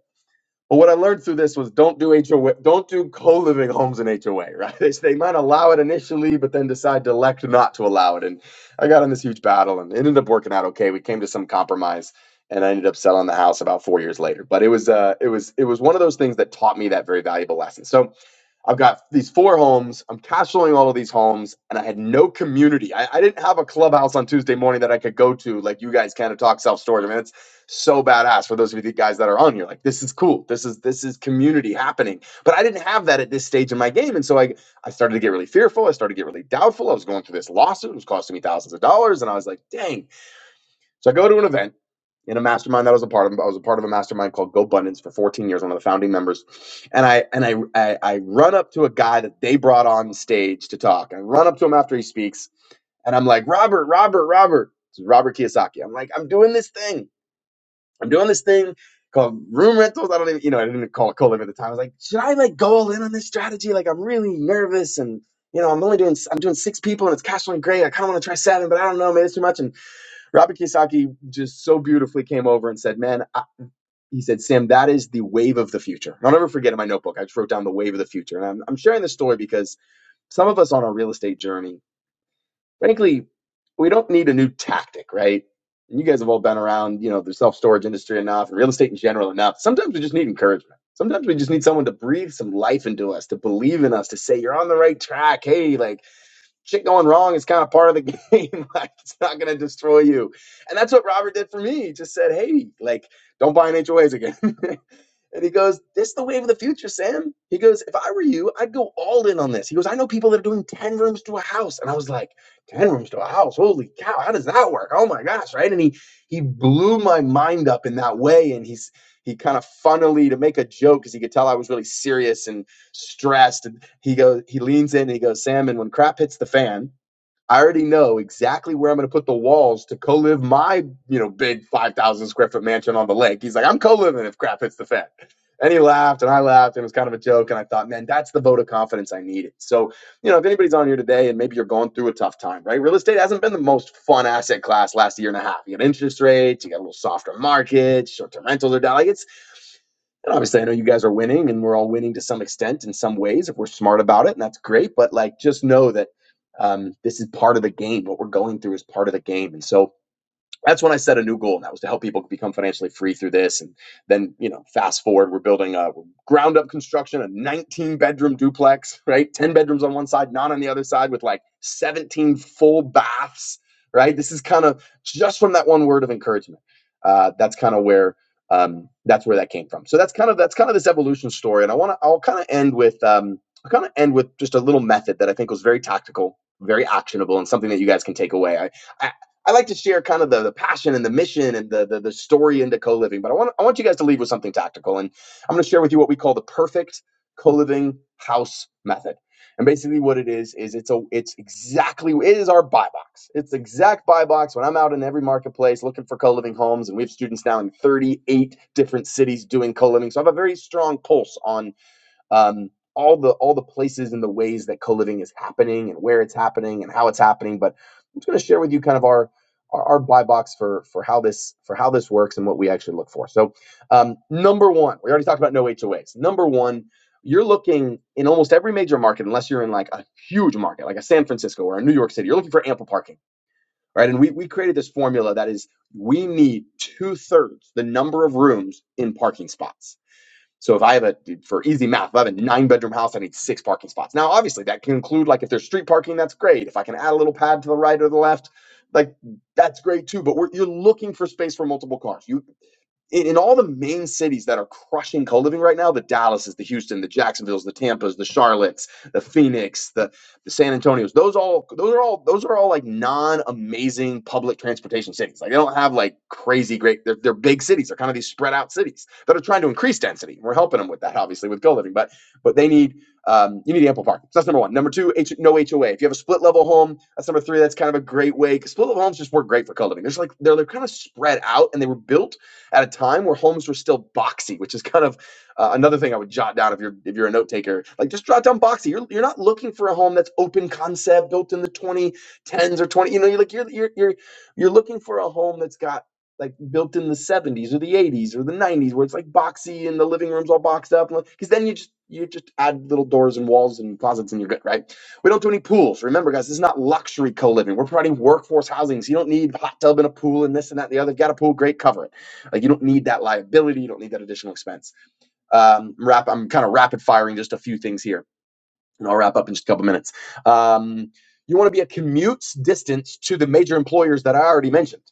But what I learned through this was don't do HOA, don't do co-living homes in HOA, right? They, they might allow it initially, but then decide to elect not to allow it. And I got in this huge battle and it ended up working out okay. We came to some compromise and I ended up selling the house about four years later. But it was uh it was it was one of those things that taught me that very valuable lesson. So I've got these four homes. I'm cash flowing all of these homes, and I had no community. I, I didn't have a clubhouse on Tuesday morning that I could go to, like you guys kind of talk self storage. I mean, it's so badass for those of you guys that are on here. Like, this is cool. This is this is community happening. But I didn't have that at this stage in my game, and so I I started to get really fearful. I started to get really doubtful. I was going through this lawsuit, it was costing me thousands of dollars, and I was like, dang. So I go to an event in a mastermind that I was a part of. I was a part of a mastermind called Go Abundance for 14 years, one of the founding members. And I and I, I I run up to a guy that they brought on stage to talk. I run up to him after he speaks, and I'm like, Robert, Robert, Robert. This is Robert Kiyosaki. I'm like, I'm doing this thing. I'm doing this thing called room rentals. I don't even, you know, I didn't call it co-living at the time. I was like, should I like go all in on this strategy? Like, I'm really nervous and. You know, I'm only doing I'm doing six people and it's cash flowing great. I kind of want to try seven, but I don't know, man, it's too much. And Robert Kiyosaki just so beautifully came over and said, "Man, I, he said, Sam, that is the wave of the future. I'll never forget in my notebook, I just wrote down the wave of the future. And I'm, I'm sharing this story because some of us on our real estate journey, frankly, we don't need a new tactic, right? And you guys have all been around, you know, the self storage industry enough and real estate in general enough. Sometimes we just need encouragement. Sometimes we just need someone to breathe some life into us, to believe in us, to say, you're on the right track. Hey, like, shit going wrong is kind of part of the game. like it's not going to destroy you. And that's what Robert did for me. He just said, "Hey, like don't buy in HOAs again." And he goes, This is the wave of the future, Sam. He goes, If I were you, I'd go all in on this. He goes, I know people that are doing 10 rooms to a house. And I was like, 10 rooms to a house? Holy cow, how does that work? Oh my gosh, right? And he he blew my mind up in that way. And he's he kind of funnily to make a joke because he could tell I was really serious and stressed. And he goes, he leans in and he goes, Sam, and when crap hits the fan, I already know exactly where I'm going to put the walls to co-live my, you know, big 5,000 square foot mansion on the lake. He's like, I'm co-living if crap hits the fan. And he laughed and I laughed and it was kind of a joke. And I thought, man, that's the vote of confidence I needed. So, you know, if anybody's on here today and maybe you're going through a tough time, right? Real estate hasn't been the most fun asset class last year and a half. You got interest rates, you got a little softer market, short-term rentals are down. Like it's and obviously, I know you guys are winning, and we're all winning to some extent in some ways if we're smart about it, and that's great. But like, just know that um, this is part of the game. What we're going through is part of the game, and so that's when I set a new goal, and that was to help people become financially free through this. And then, you know, fast forward, we're building a ground up construction, a 19 bedroom duplex, right? 10 bedrooms on one side, none on the other side, with like 17 full baths, right? This is kind of just from that one word of encouragement. Uh, that's kind of where um, that's where that came from. So that's kind of that's kind of this evolution story. And I want to I'll kind of end with um, I'll kind of end with just a little method that I think was very tactical, very actionable, and something that you guys can take away. I, I I like to share kind of the, the passion and the mission and the, the the story into co-living, but I want I want you guys to leave with something tactical, and I'm going to share with you what we call the perfect co-living house method. And basically, what it is is it's a it's exactly it is our buy box. It's the exact buy box. When I'm out in every marketplace looking for co-living homes, and we have students now in 38 different cities doing co-living, so I have a very strong pulse on um, all the all the places and the ways that co-living is happening and where it's happening and how it's happening. But I'm just going to share with you kind of our our, our buy box for for how this for how this works and what we actually look for. So um, number one, we already talked about no HOAs. Number one, you're looking in almost every major market, unless you're in like a huge market like a San Francisco or a New York City, you're looking for ample parking, right? And we we created this formula that is we need two thirds the number of rooms in parking spots so if I have a for easy math, if I have a nine bedroom house, I need six parking spots. Now, obviously, that can include like if there's street parking, that's great. If I can add a little pad to the right or the left, like that's great too. But we're, you're looking for space for multiple cars. You in, in all the main cities that are crushing co-living right now the dallases the houston the jacksonville's the tampas the charlottes the phoenix the, the san antonios those all those are all those are all like non-amazing public transportation cities like they don't have like crazy great they're, they're big cities they're kind of these spread out cities that are trying to increase density we're helping them with that obviously with co-living but but they need um, you need ample parking. So that's number one. Number two, H- no HOA. If you have a split level home, that's number three. That's kind of a great way. 'cause Split level homes just work great for co-living. There's like they're, they're kind of spread out and they were built at a time where homes were still boxy, which is kind of uh, another thing I would jot down if you're if you're a note taker. Like just jot down boxy. You're you're not looking for a home that's open concept, built in the 2010s or 20. You know, you're like you're you're you're you're looking for a home that's got like built in the 70s or the 80s or the 90s where it's like boxy and the living room's all boxed up because then you just you just add little doors and walls and closets and you're good right we don't do any pools. Remember, guys, this is not luxury co-living. We're providing workforce housing, so you don't need a hot tub and a pool and this and that and the other. got a pool, great cover. Like you don't need that liability, you don't need that additional expense. Um, wrap. I'm kind of rapid firing just a few things here, and I'll wrap up in just a couple minutes. Um, you want to be a commute distance to the major employers that I already mentioned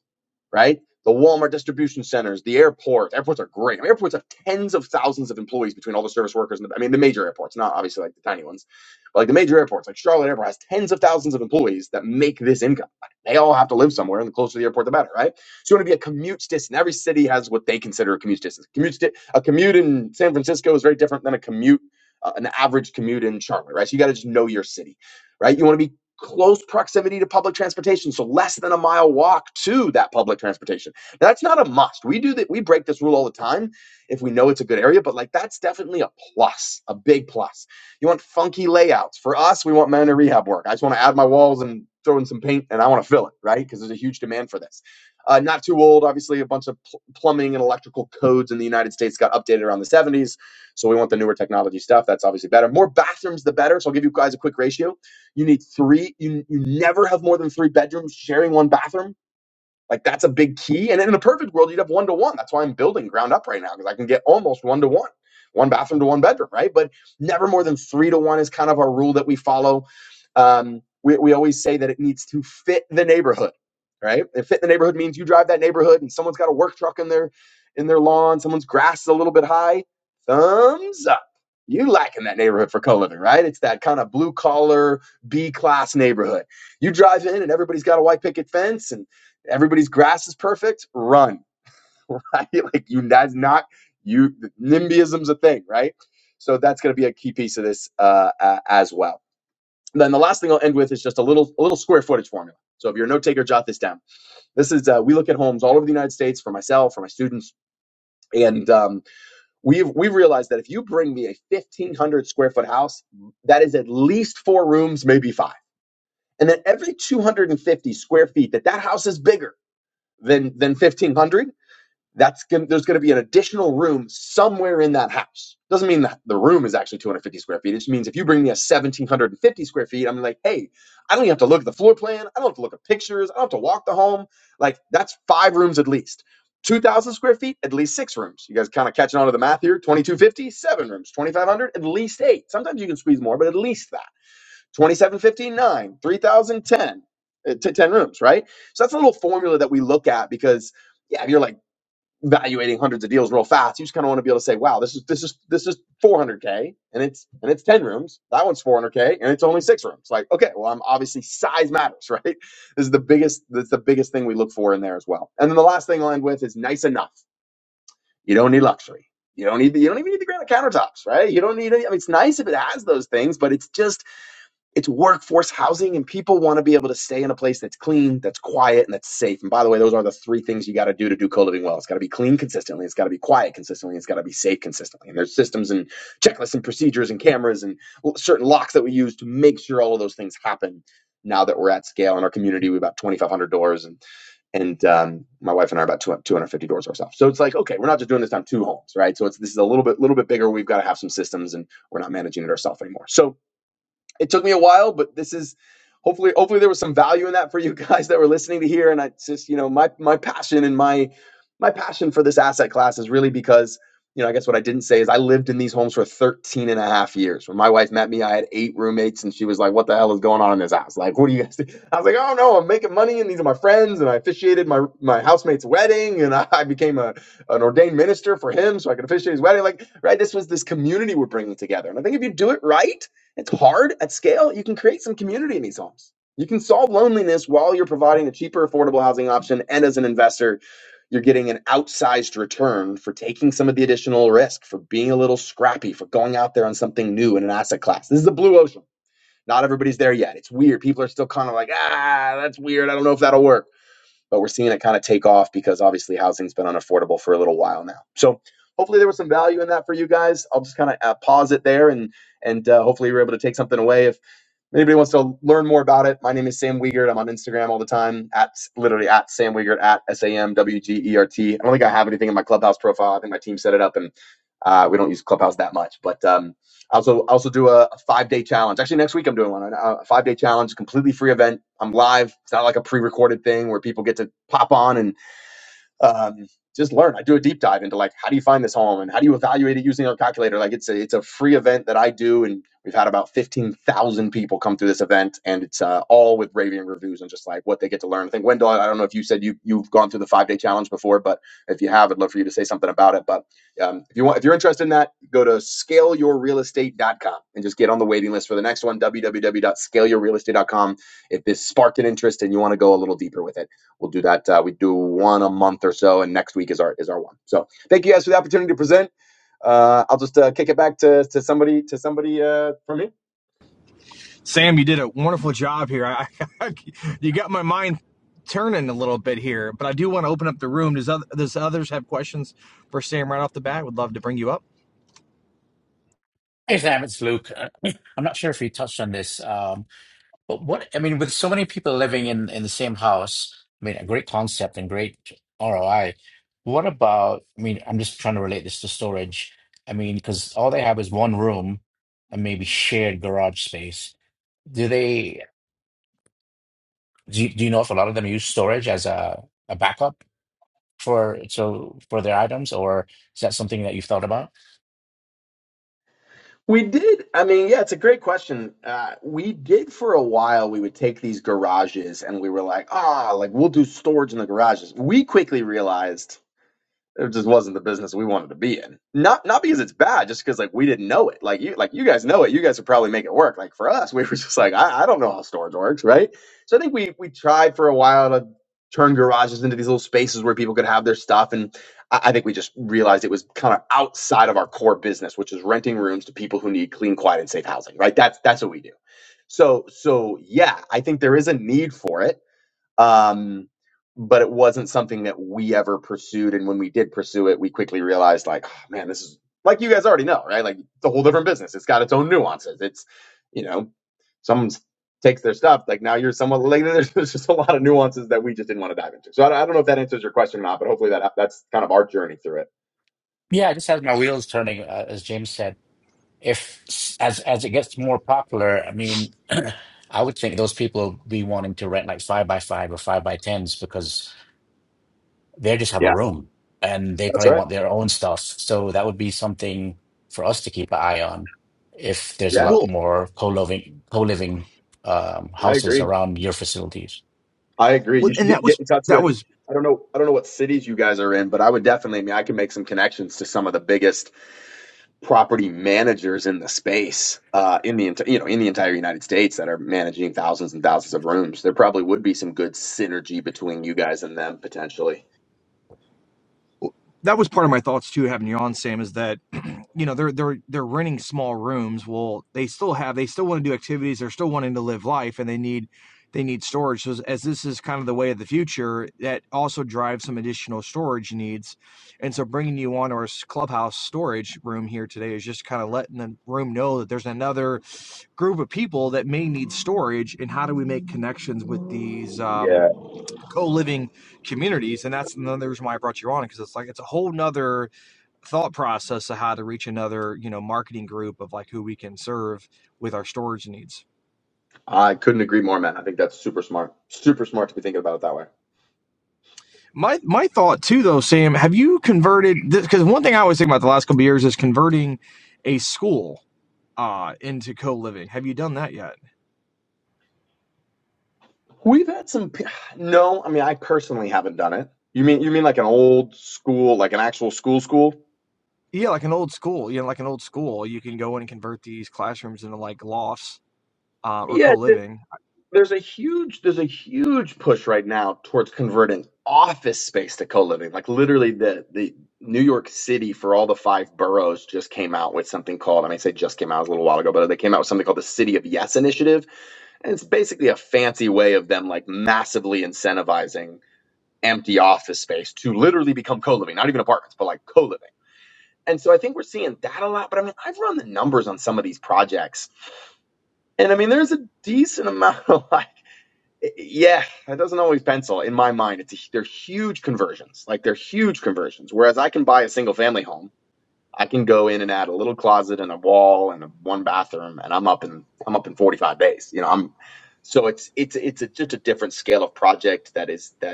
right? The Walmart distribution centers, the airport. Airports are great. I mean, airports have tens of thousands of employees between all the service workers and the, I mean, the major airports, not obviously like the tiny ones, but like the major airports, like Charlotte Airport has tens of thousands of employees that make this income. Like, they all have to live somewhere, and the closer to the airport, the better, right? So you want to be a commute distance. Every city has what they consider a commute distance. Commute sti- a commute in San Francisco is very different than a commute, uh, an average commute in Charlotte, right? So you got to just know your city, right? You want to be close proximity to public transportation so less than a mile walk to that public transportation Now, that's not a must we do that we break this rule all the time if we know it's a good area but like that's definitely a plus a big plus you want funky layouts for us we want minor rehab work i just want to add my walls and throw in some paint and i want to fill it right because there's a huge demand for this uh, not too old obviously a bunch of pl- plumbing and electrical codes in the united states got updated around the 70s so we want the newer technology stuff that's obviously better more bathrooms the better so i'll give you guys a quick ratio you need three. You, you never have more than three bedrooms sharing one bathroom like that's a big key. And in a perfect world, you'd have one to one. That's why I'm building ground up right now because I can get almost one to one, one bathroom to one bedroom, right? But never more than three to one is kind of our rule that we follow. Um, we, we always say that it needs to fit the neighborhood, right? And fit the neighborhood means you drive that neighborhood and someone's got a work truck in their in their lawn, someone's grass is a little bit high. Thumbs up. You like in that neighborhood for co-living, right? It's that kind of blue collar B class neighborhood. You drive in and everybody's got a white picket fence and. Everybody's grass is perfect. Run, right? Like you, that's not you. NIMBYism's a thing, right? So that's going to be a key piece of this uh, a- as well. And Then the last thing I'll end with is just a little a little square footage formula. So if you're a note taker, jot this down. This is uh, we look at homes all over the United States for myself, for my students, and um, we've we've realized that if you bring me a 1,500 square foot house, that is at least four rooms, maybe five, and then every 250 square feet, that that house is bigger than than 1,500 that's going there's going to be an additional room somewhere in that house. Doesn't mean that the room is actually 250 square feet. It just means if you bring me a 1750 square feet, I'm like, hey, I don't even have to look at the floor plan. I don't have to look at pictures. I don't have to walk the home. Like that's five rooms at least. 2000 square feet, at least six rooms. You guys kind of catching on to the math here. 2250, seven rooms. 2500, at least eight. Sometimes you can squeeze more, but at least that. 2750, nine. 3010, uh, t- 10 rooms, right? So that's a little formula that we look at because yeah, if you're like evaluating hundreds of deals real fast. You just kind of want to be able to say, wow, this is this is this is 400k and it's and it's 10 rooms. That one's 400k and it's only six rooms. Like, okay, well, I'm obviously size matters, right? This is the biggest that's the biggest thing we look for in there as well. And then the last thing I'll end with is nice enough. You don't need luxury. You don't need the, you don't even need the granite countertops, right? You don't need any. I mean, it's nice if it has those things, but it's just it's workforce housing, and people want to be able to stay in a place that's clean, that's quiet, and that's safe. And by the way, those are the three things you got to do to do co living well. It's got to be clean consistently, it's got to be quiet consistently, it's got to be safe consistently. And there's systems and checklists and procedures and cameras and certain locks that we use to make sure all of those things happen. Now that we're at scale in our community, we have about 2,500 doors, and and um, my wife and I are about 250 doors ourselves. So it's like, okay, we're not just doing this on two homes, right? So it's this is a little bit little bit bigger. We've got to have some systems, and we're not managing it ourselves anymore. So it took me a while, but this is hopefully hopefully there was some value in that for you guys that were listening to here. And I just you know my my passion and my my passion for this asset class is really because you know I guess what I didn't say is I lived in these homes for 13 and a half years. When my wife met me, I had eight roommates, and she was like, "What the hell is going on in this house? Like, what do you guys?" Do? I was like, "Oh no, I'm making money, and these are my friends, and I officiated my my housemate's wedding, and I, I became a an ordained minister for him, so I could officiate his wedding." Like, right? This was this community we're bringing together, and I think if you do it right it's hard at scale. You can create some community in these homes. You can solve loneliness while you're providing a cheaper, affordable housing option. And as an investor, you're getting an outsized return for taking some of the additional risk, for being a little scrappy, for going out there on something new in an asset class. This is a blue ocean. Not everybody's there yet. It's weird. People are still kind of like, ah, that's weird. I don't know if that'll work but we're seeing it kind of take off because obviously housing's been unaffordable for a little while now. So hopefully there was some value in that for you guys. I'll just kind of uh, pause it there and and uh, hopefully you were able to take something away. If Anybody wants to learn more about it, my name is Sam Wiegert. I'm on Instagram all the time at literally at Sam Wiegert at S A M W G E R T. I don't think I have anything in my Clubhouse profile. I think my team set it up, and uh, we don't use Clubhouse that much. But um, I also I also do a, five day challenge. Actually, next week I'm doing one. uh, A five day challenge, completely free event. I'm live. It's not like a pre recorded thing where people get to pop on and um, just learn. I do a deep dive into like how do you find this home and how do you evaluate it using our calculator. Like it's a it's a free event that I do, and we've had about fifteen thousand people come through this event, and it's uh, all with raving reviews and just like what they get to learn. I think Wendell, I I don't know if you said you you've gone through the five day challenge before, but if you have, I'd love for you to say something about it. But um, if you want, if you're interested in that, go to scale your real estate dot com and just get on the waiting list for the next one. w w w dot scale your real estate dot com. If this sparked an interest and you want to go a little deeper with it. We'll do that. Uh, we do one a month or so, and next week is our is our one. So thank you guys for the opportunity to present. Uh, I'll just uh, kick it back to, to somebody to somebody uh, from me.
Sam, you did a wonderful job here. I, I, you got my mind turning a little bit here, but I do want to open up the room. Does, other, does others have questions for Sam right off the bat? Would love to bring you up.
Hey Sam, it's Luke. Uh, I'm not sure if you touched on this, um, but what I mean, with so many people living in in the same house, I mean, a great concept and great ROI. What about? I mean, I'm just trying to relate this to storage. I mean, because all they have is one room and maybe shared garage space. Do they? Do you, do you know if a lot of them use storage as a, a backup for so for their items, or is that something that you've thought about?
We did. I mean, yeah, it's a great question. Uh, we did for a while. We would take these garages, and we were like, ah, like we'll do storage in the garages. We quickly realized it just wasn't the business we wanted to be in. Not not because it's bad, just because like we didn't know it. Like you like you guys know it. You guys would probably make it work. Like for us, we were just like, I, I don't know how storage works, right? So I think we we tried for a while to turn garages into these little spaces where people could have their stuff and I, I think we just realized it was kind of outside of our core business, which is renting rooms to people who need clean, quiet, and safe housing, right? That's that's what we do. So so yeah, I think there is a need for it um, but it wasn't something that we ever pursued. And when we did pursue it, we quickly realized, like, oh, man, this is like you guys already know, right? Like, it's a whole different business. It's got its own nuances. It's, you know, someone takes their stuff. Like now you're someone like there's, there's just a lot of nuances that we just didn't want to dive into. So I, don't- I don't know if that answers your question or not, but hopefully that that's kind of our journey through it.
Yeah, it just has my wheels turning, uh, as James said. If as as it gets more popular, I mean, I would think those people will be wanting to rent like five by five or five by tens because they just have a
Yeah,
room and they
that's
probably
right.
want their own stuff. So that would be something for us to keep an eye on if there's a
Yeah,
lot
Well,
more co-living co-living um,
I
houses
agree.
around your facilities.
I agree.
well,
You should
and that
get, get
was
in touch
that
with.
was
I don't know. I don't know what cities you guys are in, but I would definitely. I mean, I can make some connections to some of the biggest property managers in the space uh, in the enti- you know in the entire United States that are managing thousands and thousands of rooms. There probably would be some good synergy between you guys and them potentially.
that was part of my thoughts too. Having you on, Sam, is that you know they're they're they're renting small rooms well they still have they still want to do activities they're still wanting to live life and they need they need storage so as, as this is kind of the way of the future that also drives some additional storage needs and so bringing you on our s- clubhouse storage room here today is just kind of letting the room know that there's another group of people that may need storage and how do we make connections with these
Yeah,
um, co-living communities and that's another reason why i brought you on because it's like it's a whole nother thought process of how to reach another you know marketing group of like who we can serve with our storage needs
I couldn't agree more, man. I think that's super smart. Super smart to be thinking about it that way.
my my thought too though sam have you converted this because one thing i always think about the last couple of years is converting a school uh into co-living have you done that yet
We've had some. p- No, I mean, I personally haven't done it. You mean you mean like an old school, like an actual school school?
yeah like an old school you know like an old school you can go in and convert these classrooms into like lofts uh, or co-living
there's a huge there's a huge push right now towards converting office space to co-living like literally the the new york city for all the five boroughs just came out with something called i mean I say just came out it was a little while ago but they came out with something called the city of yes initiative and it's basically a fancy way of them like massively incentivizing empty office space to literally become co-living not even apartments but like co-living and so i think we're seeing that a lot but i mean i've run the numbers on some of these projects and i mean there's a decent amount of like yeah, that doesn't always pencil in my mind. It's a, they're huge conversions, like they're huge conversions. Whereas I can buy a single family home, I can go in and add a little closet and a wall and a one bathroom, and I'm up in I'm up in 45 days. You know, I'm so it's it's it's a, just a different scale of project that is that is that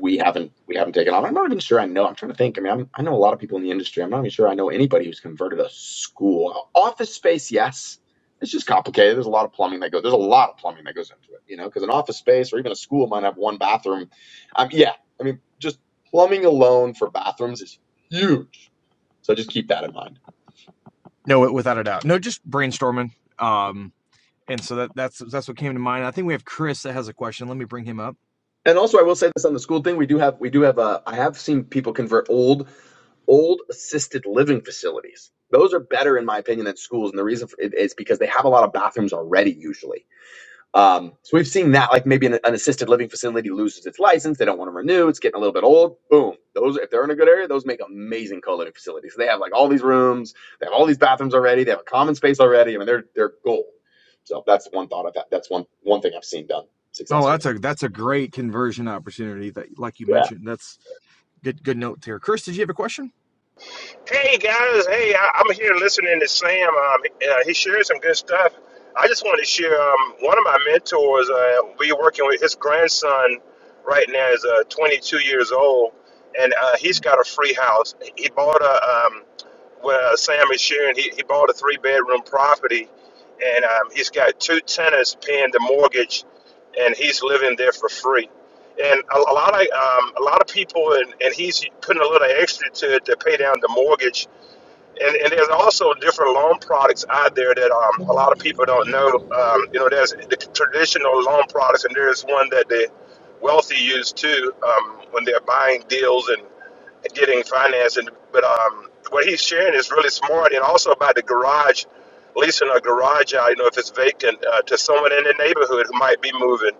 we haven't we haven't taken off. I'm not even sure I know. I'm trying to think. I mean, I'm, I know a lot of people in the industry. I'm not even sure I know anybody who's converted a school office space. Yes, it's just complicated. There's a lot of plumbing that goes. There's a lot of plumbing that goes into it. You know, because an office space or even a school might have one bathroom. Um, yeah, I mean, just plumbing alone for bathrooms is huge. So just keep that in mind.
no it without a doubt no just brainstorming um and so that that's that's what came to mind i think we have chris that has a question let me bring him up
And also, I will say this on the school thing. We do have we do have. Uh, I have seen people convert old old assisted living facilities. Those are better, in my opinion, than schools. And the reason for it is because they have a lot of bathrooms already, usually. Um, so we've seen that, like maybe an, an assisted living facility loses its license. They don't want to renew. It's getting a little bit old. Boom. Those, if they're in a good area, those make amazing co living facilities. So They have like all these rooms. They have all these bathrooms already. They have a common space already. I mean, they're, they're gold. So that's one thought I've had. That's one, one thing I've seen done
Oh,
successfully.
that's a that's a great conversion opportunity that like you
Yeah.
mentioned. That's good good note there. Chris, did you have a question?
Hey guys, hey, I, I'm here listening to Sam. Um, uh, he shared some good stuff. I just wanted to share um, one of my mentors. Uh, we're working with his grandson right now is uh, 22 years old, and uh, he's got a free house. He bought a um, well, Sam is sharing. He, he bought a three bedroom property, and um, he's got two tenants paying the mortgage, and he's living there for free and a, a lot of um, a lot of people, and, and he's putting a little extra to it to pay down the mortgage and, and there's also different loan products out there that um, a lot of people don't know. Um, you know, there's the traditional loan products, and there's one that the wealthy use too um, when they're buying deals and getting financing. But um, what he's sharing is really smart, and also about the garage, leasing a garage out, you know, if it's vacant, uh, to someone in the neighborhood who might be moving,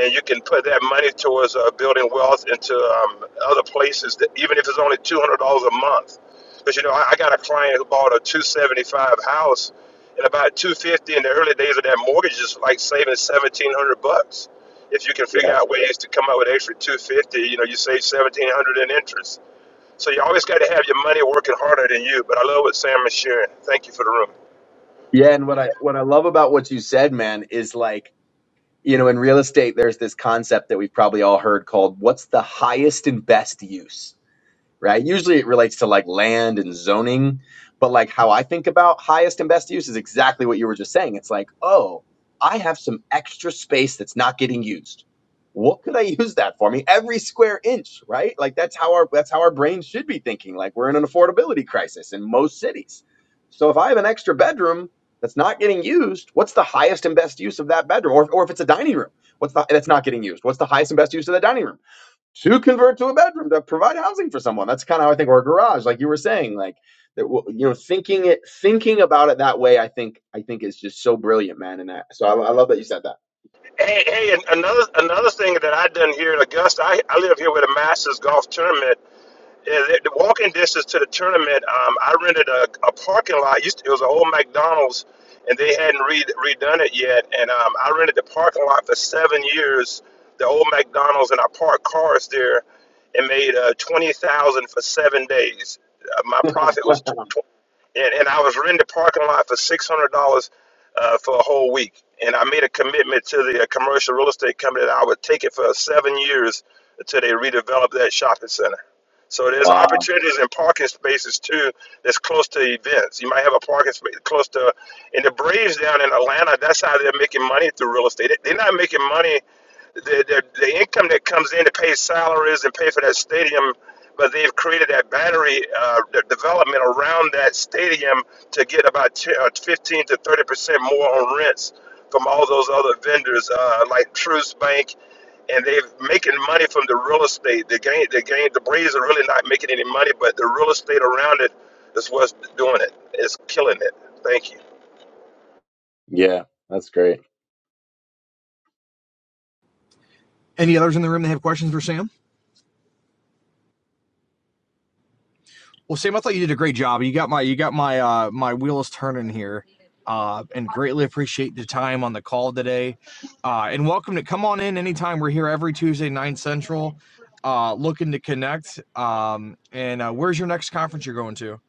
and you can put that money towards uh, building wealth into um, other places, that, even if it's only two hundred dollars a month because you know, I, I got a client who bought a 275 house and about 250 in the early days of that mortgage is like saving 1700 bucks. If you can figure
Yeah.
out ways to come up with extra 250, you know, you save 1700 in interest. So you always got to have your money working harder than you. But I love what Sam is sharing. Thank you for the room.
Yeah. And what I, what I love about what you said, man, is like, you know, in real estate, there's this concept that we've probably all heard called what's the highest and best use? right? Usually it relates to like land and zoning, but like how I think about highest and best use is exactly what you were just saying. It's like, oh, I have some extra space that's not getting used. What could I use that for? I mean, every square inch, right? Like that's how our that's how our brains should be thinking. Like we're in an affordability crisis in most cities. So if I have an extra bedroom that's not getting used, what's the highest and best use of that bedroom? Or, or if it's a dining room, what's the that's not getting used? What's the highest and best use of the dining room? to convert to a bedroom to provide housing for someone. That's kind of how I think, or a garage, like you were saying, like that. well, You know, thinking it, thinking about it that way, I think, I think is just so brilliant, man. And that, so I, I love that you said that.
Hey, hey, and another another thing that I done here in Augusta, I, I live here with a Masters golf tournament, Yeah, the, the walking distance to the tournament, um, I rented a, a parking lot. Used to, it was an old McDonald's, and they hadn't re- redone it yet. And um, I rented the parking lot for seven years, the old McDonald's, and I parked cars there, and made uh, twenty thousand for seven days. Uh, my profit was, tw- tw- and and I was renting the parking lot for six hundred dollars uh, for a whole week. And I made a commitment to the uh, commercial real estate company that I would take it for seven years until they redeveloped that shopping center. So there's
Wow.
opportunities in parking spaces too that's close to events. You might have a parking space close to, and the Braves down in Atlanta, that's how they're making money through real estate. They- They're not making money, the, the, the income that comes in to pay salaries and pay for that stadium, but they've created that battery uh, de- development around that stadium to get about 10, uh, 15 to 30% more on rents from all those other vendors uh, like Truist Bank and they're making money from the real estate. The game, the game, the Braves are really not making any money, but the real estate around it is what's doing it. It's killing it. Thank you.
Yeah, that's great.
Any others in the room that have questions for Sam? Well, Sam, I thought you did a great job. You got my you got my uh my wheels turning here. Uh and greatly appreciate the time on the call today. Uh and welcome to come on in anytime. We're here every Tuesday, 9 Central. Uh looking to connect. Um and uh where's your next conference you're going to?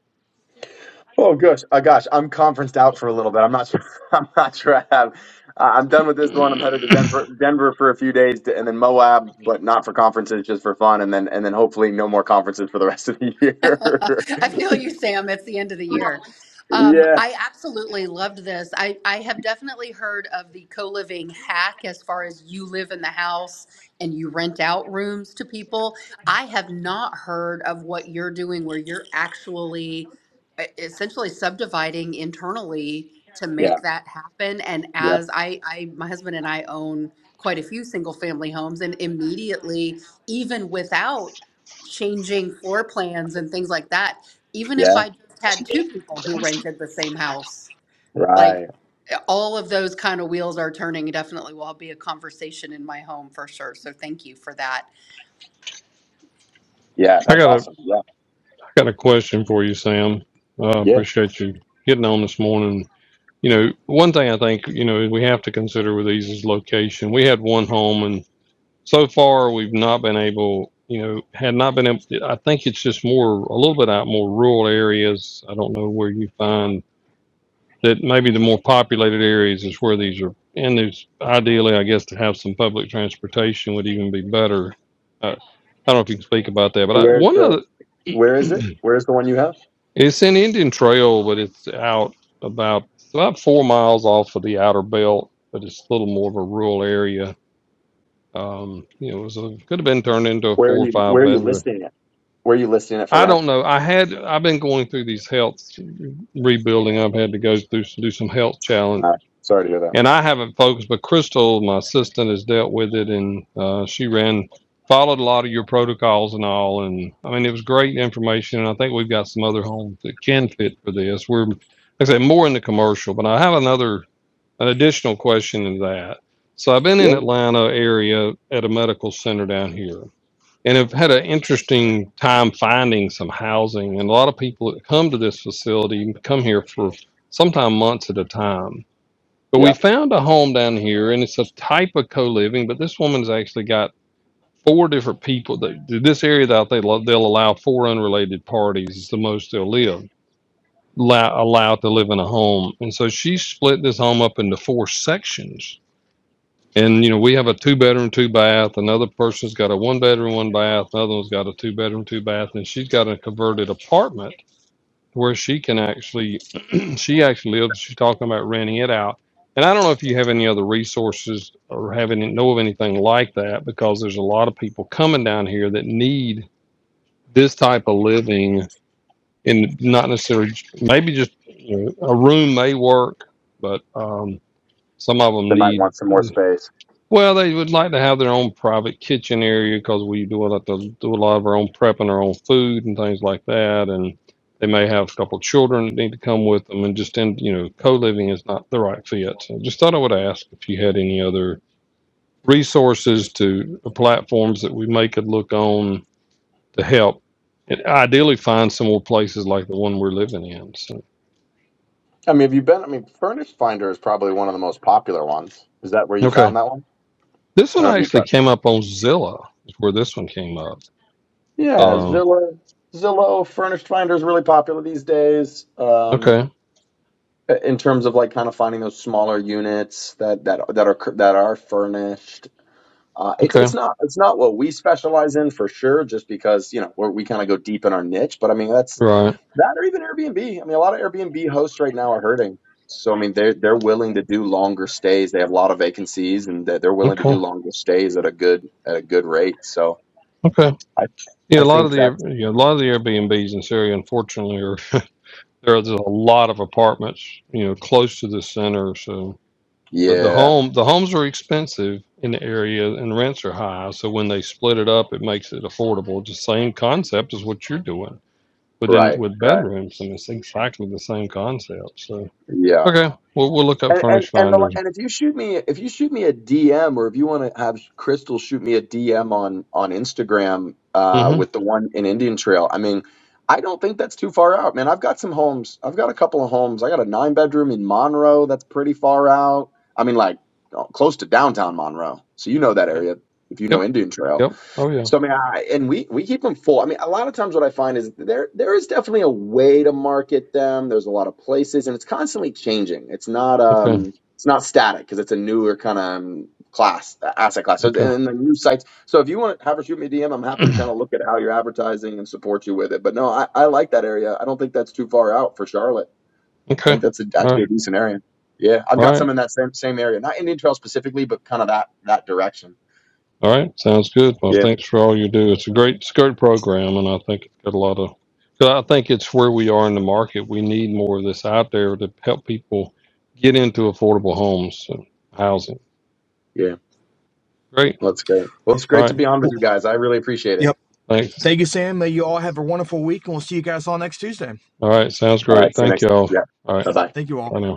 Oh gosh, uh, gosh, I'm conferenced out for a little bit. I'm not sure. I'm not sure I have. Uh, I'm done with this one. I'm headed to Denver, Denver for a few days, to, and then Moab, but not for conferences, just for fun, and then and then hopefully no more conferences for the rest of the year.
I feel you, Sam. It's the end of the year. Um, I absolutely loved this. I, I have definitely heard of the co living hack as far as you live in the house and you rent out rooms to people. I have not heard of what you're doing where you're actually uh, essentially subdividing internally to
yeah. Yeah.
make that happen. And
Yeah.
as I, I my husband and I own quite a few single family homes, and immediately even without changing floor plans and things like that, even if
Yeah.
I just had two people who rented the same house,
Right.
like all of those kind of wheels are turning. Definitely will be a conversation in my home for sure. So thank you for that.
Yeah,
I
that's
got a
awesome. Yeah.
I got a question for you, Sam. Uh,
Yeah.
appreciate you getting on this morning. You know, one thing I think you know we have to consider with these is location. We had one home, and so far we've not been able. You know, had not been able. I think it's just more a little bit out more rural areas. I don't know where you find that maybe the more populated areas is where these are. And there's ideally, I guess, to have some public transportation would even be better. Uh, I don't know if you can speak about that, but I,
Where's
one
the
of
where is it?
the,
Where's the one you have?
it's an Indian Trail, but it's out about about four miles off of the outer belt, but it's a little more of a rural area. Um, you know, it was a, could have been turned into a
Where are
four or
you
five
where are you
bedroom.
listing it? Where are you listing it for
I
rent?
don't know. I had I've been going through these health rebuilding. I've had to go through s- do some health challenge
Uh, sorry to hear that.
and I haven't focused, but Crystal, my assistant, has dealt with it, and uh, she ran, followed a lot of your protocols and all. And I mean, it was great information, and I think we've got some other homes that can fit for this. We're, like I said, more in the commercial, but I have another, an additional question in that. So I've been in
Yeah.
Atlanta area at a medical center down here, and have had an interesting time finding some housing. And a lot of people that come to this facility come here for sometimes months at a time but we
Yeah.
found a home down here, and it's a type of co-living. But this woman's actually got four different people. That, this area that they lo- they'll allow four unrelated parties It's the most they'll live allow, allowed to live in a home. And so she split this home up into four sections. And you know we have a two bedroom, two bath. Another person's got a one bedroom, one bath. Another one's got a two bedroom, two bath, and she's got a converted apartment where she can actually she actually lives she's talking about renting it out and i don't know if you have any other resources or have any know of anything like that because there's a lot of people coming down here that need this type of living and not necessarily maybe just you know, a room may work but um, some of them
They might
need
want some more space.
well, they would like to have their own private kitchen area because we do a lot to do a lot of our own prepping, our own food, and things like that. And they may have a couple of children that need to come with them, and just in you know, co-living is not the right fit. So just thought I would ask if you had any other resources to platforms that we may could look on to help, and ideally find some more places like the one we're living in. So
I mean, have you been I mean, Furnish Finder is probably one of the most popular ones. Is that where you
okay,
found that one?
this
I
one
don't know if you
actually
but
came up on Zillow, is where this one came up.
Yeah,
Um,
Zillow Zillow Furnished Finder is really popular these days. Um
okay,
in terms of like kind of finding those smaller units that that that are that are furnished Uh, it's it's
okay,
not it's not what we specialize in for sure, just because you know we're, we kind of go deep in our niche. But I mean, that's
right.
that or even Airbnb. I mean, a lot of Airbnb hosts right now are hurting. So I mean, they're they're willing to do longer stays. They have a lot of vacancies, and they're, they're willing to
Okay.
do longer stays at a good at a good rate. So
Okay.
I
Yeah,
I
a lot of
think
the
that's
yeah, a lot of the Airbnbs in Syria, unfortunately, are there's a lot of apartments, you know, close to the center. So, but the
yeah
home the homes are expensive in the area, and rents are high. So when they split it up, it makes it affordable. It's the same concept as what you're doing, but in
right
with
right
bedrooms, and it's exactly the same concept. So,
yeah
okay, we'll we'll look up
And and
furnished
and, the,
finders.
and if you shoot me if you shoot me a DM or if you want to have Crystal shoot me a DM on on Instagram uh,
Mm-hmm.
with the one in Indian Trail, I mean, I don't think that's too far out, man. I've got some homes. I've got a couple of homes. I got a nine bedroom in Monroe that's pretty far out. I mean, like uh, close to downtown Monroe. So you know that
Okay.
area if you know
Yep.
Indian Trail.
Yep. Oh yeah.
So I mean, I, and we we keep them full. I mean, a lot of times what I find is there there is definitely a way to market them. There's a lot of places, and it's constantly changing. It's not
Okay.
um it's not static because it's a newer kind of um, class uh, asset class. So it's-
Okay.
and the new sites. So if you want to have her shoot me a DM, I'm happy to kind of look at how you're advertising and support you with it. But no, I I like that area. I don't think that's too far out for Charlotte. I
okay.
think that's a,
All right.
actually a decent area. Yeah, I've
All
got some
right.
in that same same area, not Indian Trail specifically, but kind of that that direction.
All right. Sounds good. Well,
Yeah,
thanks for all you do. It's a great, it's a great program, and I think it's got a lot of. Cause I think it's where we are in the market. We need more of this out there to help people get into affordable homes and housing.
Yeah.
Great.
Well, That's great. Well, it's
All
great to
right.
be on with
Well,
you guys. I really appreciate it.
yep.
Thanks.
Thank you, Sam. May you all have a wonderful week and we'll see you guys all next Tuesday.
All right. Sounds
All right.
great.
See you
Thank
next.
you all.
Yeah.
All right.
Bye bye.
Thank you all.
Bye now.